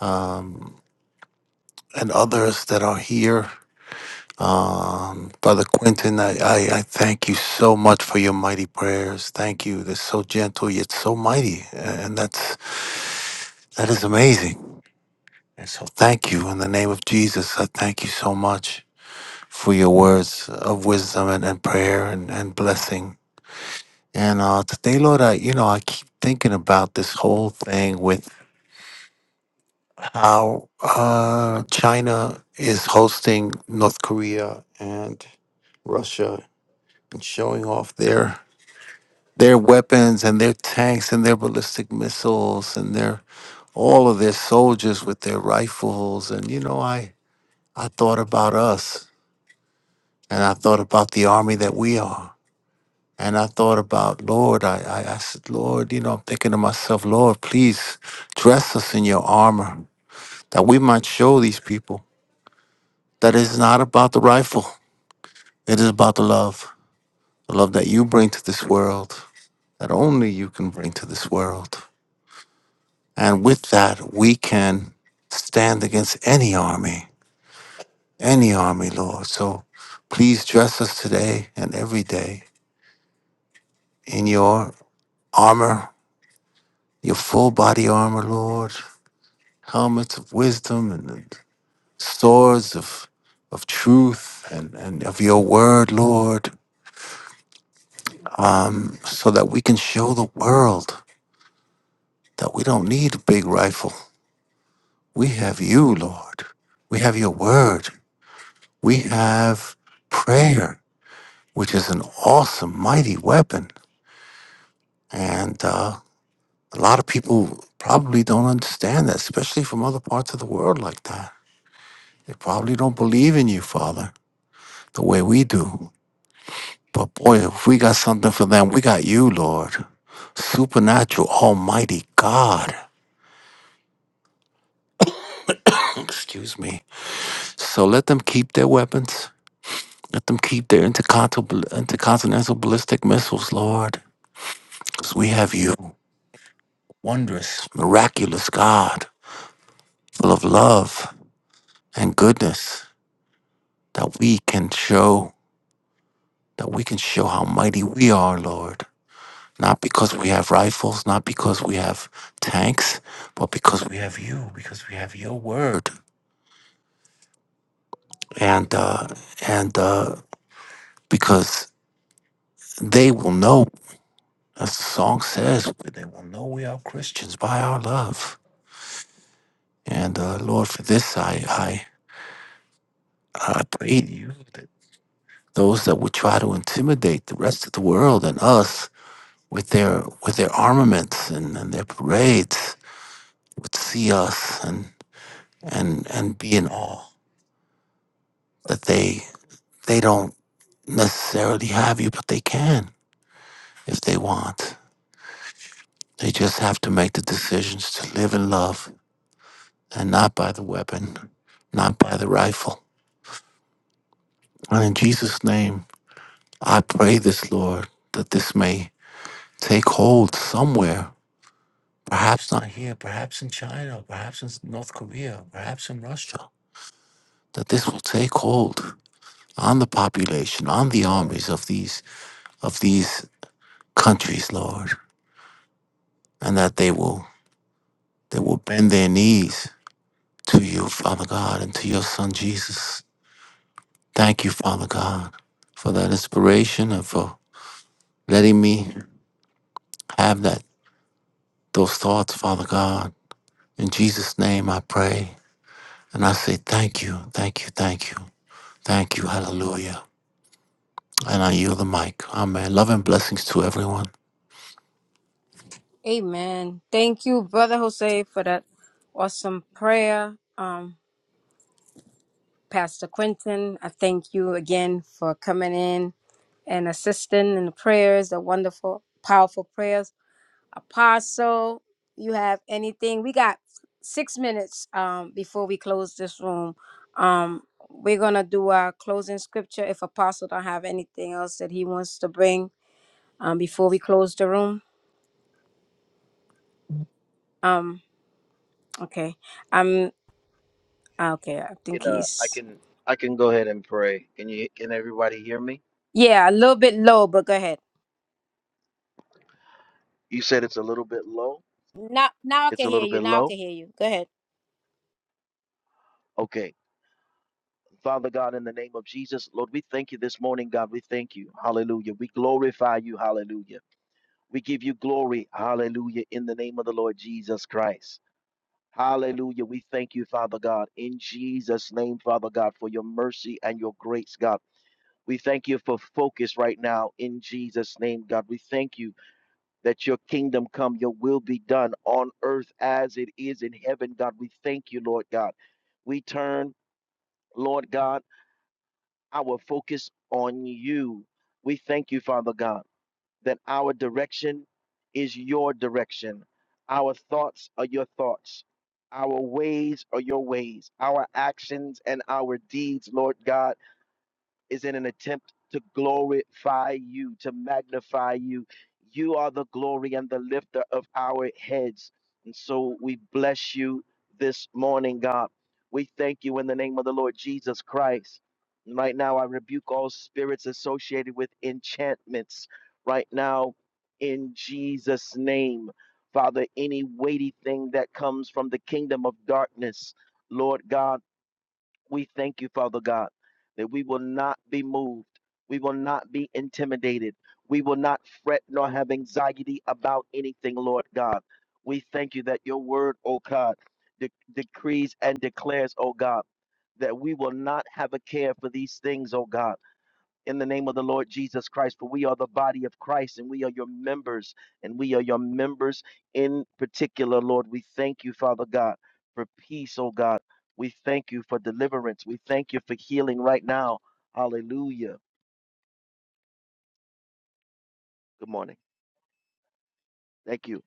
C: um, and others that are here. Um, Brother Quentin, I, I, I thank you so much for your mighty prayers. Thank you. They're so gentle yet so mighty. And that's that is amazing. And so thank you. In the name of Jesus, I thank you so much for your words of wisdom and, and prayer and, and blessing. And uh, today, Lord, I you know, I keep thinking about this whole thing with how uh, China is hosting North Korea and Russia and showing off their their weapons and their tanks and their ballistic missiles and their all of their soldiers with their rifles and you know I I thought about us and I thought about the army that we are and I thought about Lord I I, I said Lord you know I'm thinking to myself Lord please dress us in your armor that we might show these people that is not about the rifle. It is about the love, the love that you bring to this world, that only you can bring to this world. And with that, we can stand against any army, any army, Lord. So please dress us today and every day in your armor, your full body armor, Lord, helmets of wisdom and swords of of truth and, and of your word, Lord, um, so that we can show the world that we don't need a big rifle. We have you, Lord. We have your word. We have prayer, which is an awesome, mighty weapon. And uh, a lot of people probably don't understand that, especially from other parts of the world like that. They probably don't believe in you, Father, the way we do. But boy, if we got something for them, we got you, Lord. Supernatural, almighty God. <clears throat> Excuse me. So let them keep their weapons Let them keep their intercontinental, intercontinental ballistic missiles, Lord, because we have you, wondrous, miraculous God, full of love and goodness, that we can show, that we can show how mighty we are, Lord. Not because we have rifles, not because we have tanks, but because we have you, because we have your word, and uh, and uh, because they will know, as the song says, they will know we are Christians by our love And uh, Lord, for this I, I I pray to you that those that would try to intimidate the rest of the world and us with their with their armaments and, and their parades would see us and and and be in awe that they they don't necessarily have you, but they can if they want. They just have to make the decisions to live in love and not by the weapon, not by the rifle. And in Jesus' name, I pray this, Lord, that this may take hold somewhere. Perhaps not here, perhaps in China, perhaps in North Korea, perhaps in Russia. That this will take hold on the population, on the armies of these of these countries, Lord, and that they will they will bend their knees to you, Father God, and to your Son Jesus. Thank you, Father God, for that inspiration and for letting me have that those thoughts, Father God. In Jesus' name I pray. And I say thank you, thank you, thank you. Thank you. Hallelujah. And I yield the mic. Amen. Love and blessings to everyone.
A: Amen. Thank you, Brother Jose, for that awesome prayer. Um, Pastor Quentin, I thank you again for coming in. and assisting in the prayers, the wonderful, powerful prayers. Apostle, you have anything? We got six minutes um, before we close this room. Um, we're gonna do our closing scripture. If Apostle don't have anything else that he wants to bring um, before we close the room, um, okay. I'm ah, okay. I think
F: Can uh, I
A: he's
F: can I can go ahead and pray. Can you can everybody hear me?
A: yeah a little bit low, but go ahead.
F: You said it's a little bit low.
A: Now, now I
F: It's a
A: can hear
F: little
A: you.
F: bit
A: Now I
F: low.
A: can hear you. Go ahead.
F: Okay. Father God, in the name of Jesus, Lord, we thank you this morning, God. We thank you. Hallelujah. We glorify you. Hallelujah. We give you glory. Hallelujah. In the name of the Lord Jesus Christ. Hallelujah. We thank you, Father God, in Jesus' name, Father God, for your mercy and your grace, God. We thank you for focus right now in Jesus' name, God. We thank you that your kingdom come, your will be done on earth as it is in heaven, God. We thank you, Lord God. We turn, Lord God, our focus on you. We thank you, Father God. that our direction is your direction. Our thoughts are your thoughts. Our ways are your ways. Our actions and our deeds, Lord God is in an attempt to glorify you, to magnify you. You are the glory and the lifter of our heads. And so we bless you this morning, God. We thank you in the name of the Lord Jesus Christ. And Right now, I rebuke all spirits associated with enchantments. Right now, in Jesus' name, Father, any weighty thing that comes from the kingdom of darkness, Lord God. We thank you, Father God, that we will not be moved. We will not be intimidated. We will not fret nor have anxiety about anything, Lord God. We thank you that your word, O God, de- decrees and declares, O God, that we will not have a care for these things, O God in the name of the Lord Jesus Christ, for we are the body of Christ and we are your members, and we are your members in particular, Lord. We thank you, Father God, for peace, oh God. We thank you for deliverance. We thank you for healing right now. Hallelujah. Good morning. Thank you.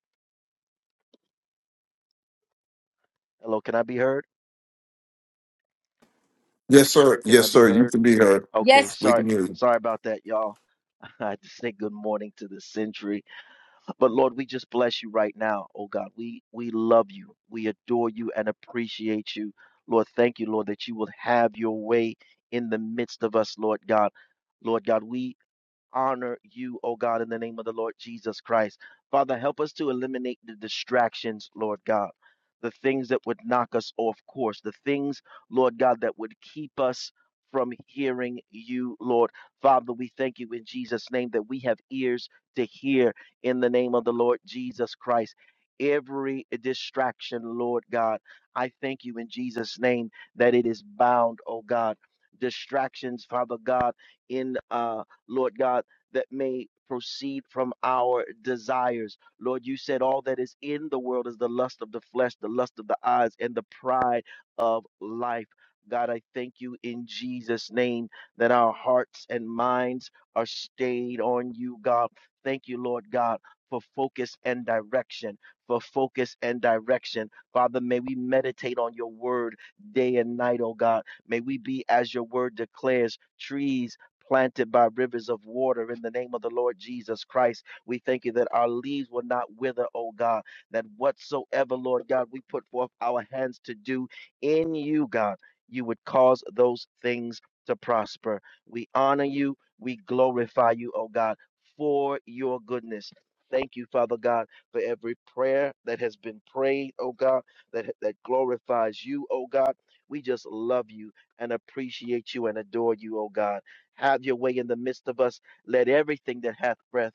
F: Hello, can I be heard?
D: Yes, sir.
F: Can I
D: Yes,
F: be
D: sir. You
F: heard?
D: can be heard.
F: Okay,
A: Yes.
D: We
F: sorry.
D: can hear you.
F: Sorry about that, y'all. <laughs> I had to say good morning to the century. But Lord, we just bless you right now, oh God. We we love you. We adore you and appreciate you. Lord, thank you, Lord, that you will have your way in the midst of us, Lord God. Lord God, we honor you, O God, in the name of the Lord Jesus Christ. Father, help us to eliminate the distractions, Lord God, the things that would knock us off course, the things, Lord God, that would keep us from hearing you, Lord. Father, we thank you in Jesus' name that we have ears to hear in the name of the Lord Jesus Christ. Every distraction, Lord God, I thank you in Jesus' name that it is bound, O God. Distractions, Father God, in uh, Lord God that may proceed from our desires. Lord, you said all that is in the world is the lust of the flesh, the lust of the eyes, and the pride of life. God, I thank you in Jesus' name that our hearts and minds are stayed on you, God. Thank you, Lord God, for focus and direction. For focus and direction. Father, may we meditate on your word day and night, oh God. May we be, as your word declares, trees planted by rivers of water in the name of the Lord Jesus Christ. We thank you that our leaves will not wither, oh God, that whatsoever, Lord God, we put forth our hands to do in you, God, you would cause those things to prosper. We honor you, we glorify you, oh God, for your goodness. Thank you, Father God, for every prayer that has been prayed, oh God, that, that glorifies you, oh God. We just love you and appreciate you and adore you, oh God. Have your way in the midst of us. Let everything that hath breath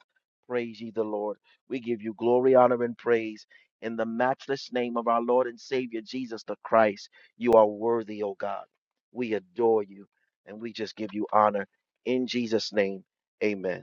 F: praise ye the Lord. We give you glory, honor, and praise. In the matchless name of our Lord and Savior Jesus the Christ, you are worthy, O God. We adore you and we just give you honor. In Jesus' name, amen.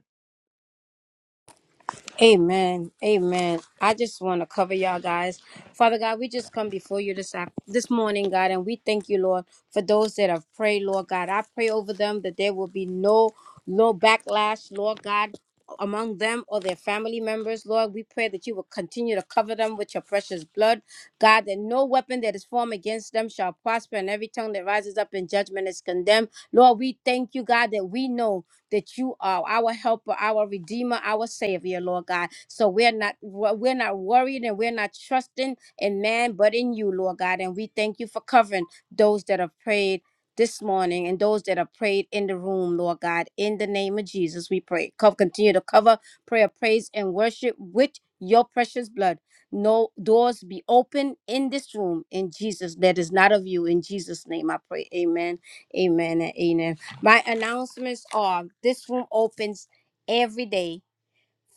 A: Amen. Amen. I just want to cover y'all guys. Father God, we just come before you this af- this morning, God, and we thank you, Lord, for those that have prayed, Lord God. I pray over them that there will be no no backlash, Lord God. Among them or their family members, Lord, we pray that you will continue to cover them with your precious blood, God. That no weapon that is formed against them shall prosper, and every tongue that rises up in judgment is condemned. Lord, we thank you, God, that we know that you are our helper, our redeemer, our savior, Lord God. So we're not we're not worried and we're not trusting in man, but in you, Lord God. And we thank you for covering those that have prayed this morning and those that have prayed in the room, Lord God. In the name of Jesus, we pray. Co- Continue to cover prayer, praise, and worship with your precious blood. No doors be open in this room in Jesus that is not of you. In Jesus' name I pray. Amen. Amen. And amen. My announcements are this room opens every day,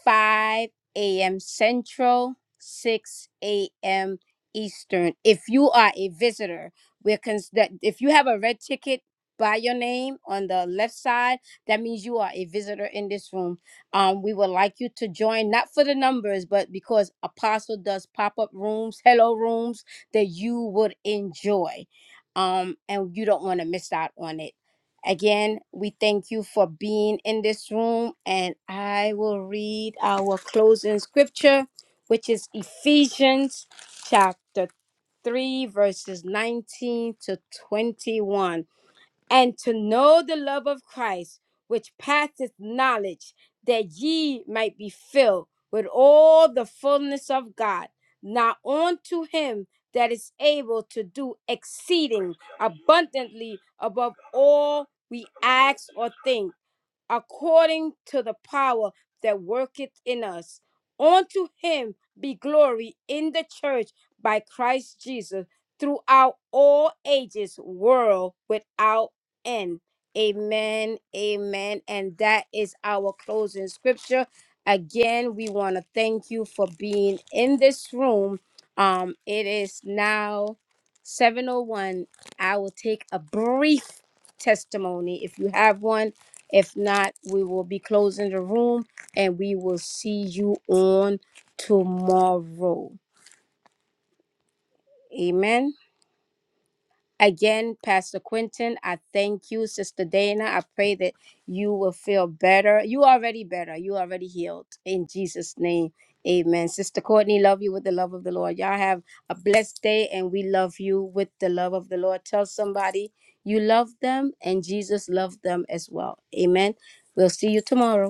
A: 5 a.m. Central, 6 a.m. Eastern. If you are a visitor, we're cons- that if you have a red ticket by your name on the left side, that means you are a visitor in this room. Um, we would like you to join, not for the numbers, but because Apostle does pop up rooms, hello rooms that you would enjoy. Um, and you don't want to miss out on it. Again, we thank you for being in this room, and I will read our closing scripture, which is Ephesians chapter 3, verses 19 to 21 and to know the love of Christ, which passeth knowledge, that ye might be filled with all the fullness of God. Now unto him that is able to do exceeding abundantly above all we ask or think according to the power that worketh in us. Unto him be glory in the church by Christ Jesus throughout all ages, world without end. Amen, amen. And that is our closing scripture. Again, we want to thank you for being in this room. Um, it is now 701. I will take a brief testimony if you have one if not, we will be closing the room and we will see you on tomorrow. Amen. Again, Pastor Quentin, I thank you, Sister Dana. I pray that you will feel better. You already better. You already healed. In Jesus' name. Amen. Sister Courtney, love you with the love of the Lord. Y'all have a blessed day and we love you with the love of the Lord. Tell somebody you love them and Jesus loved them as well. Amen. We'll see you tomorrow.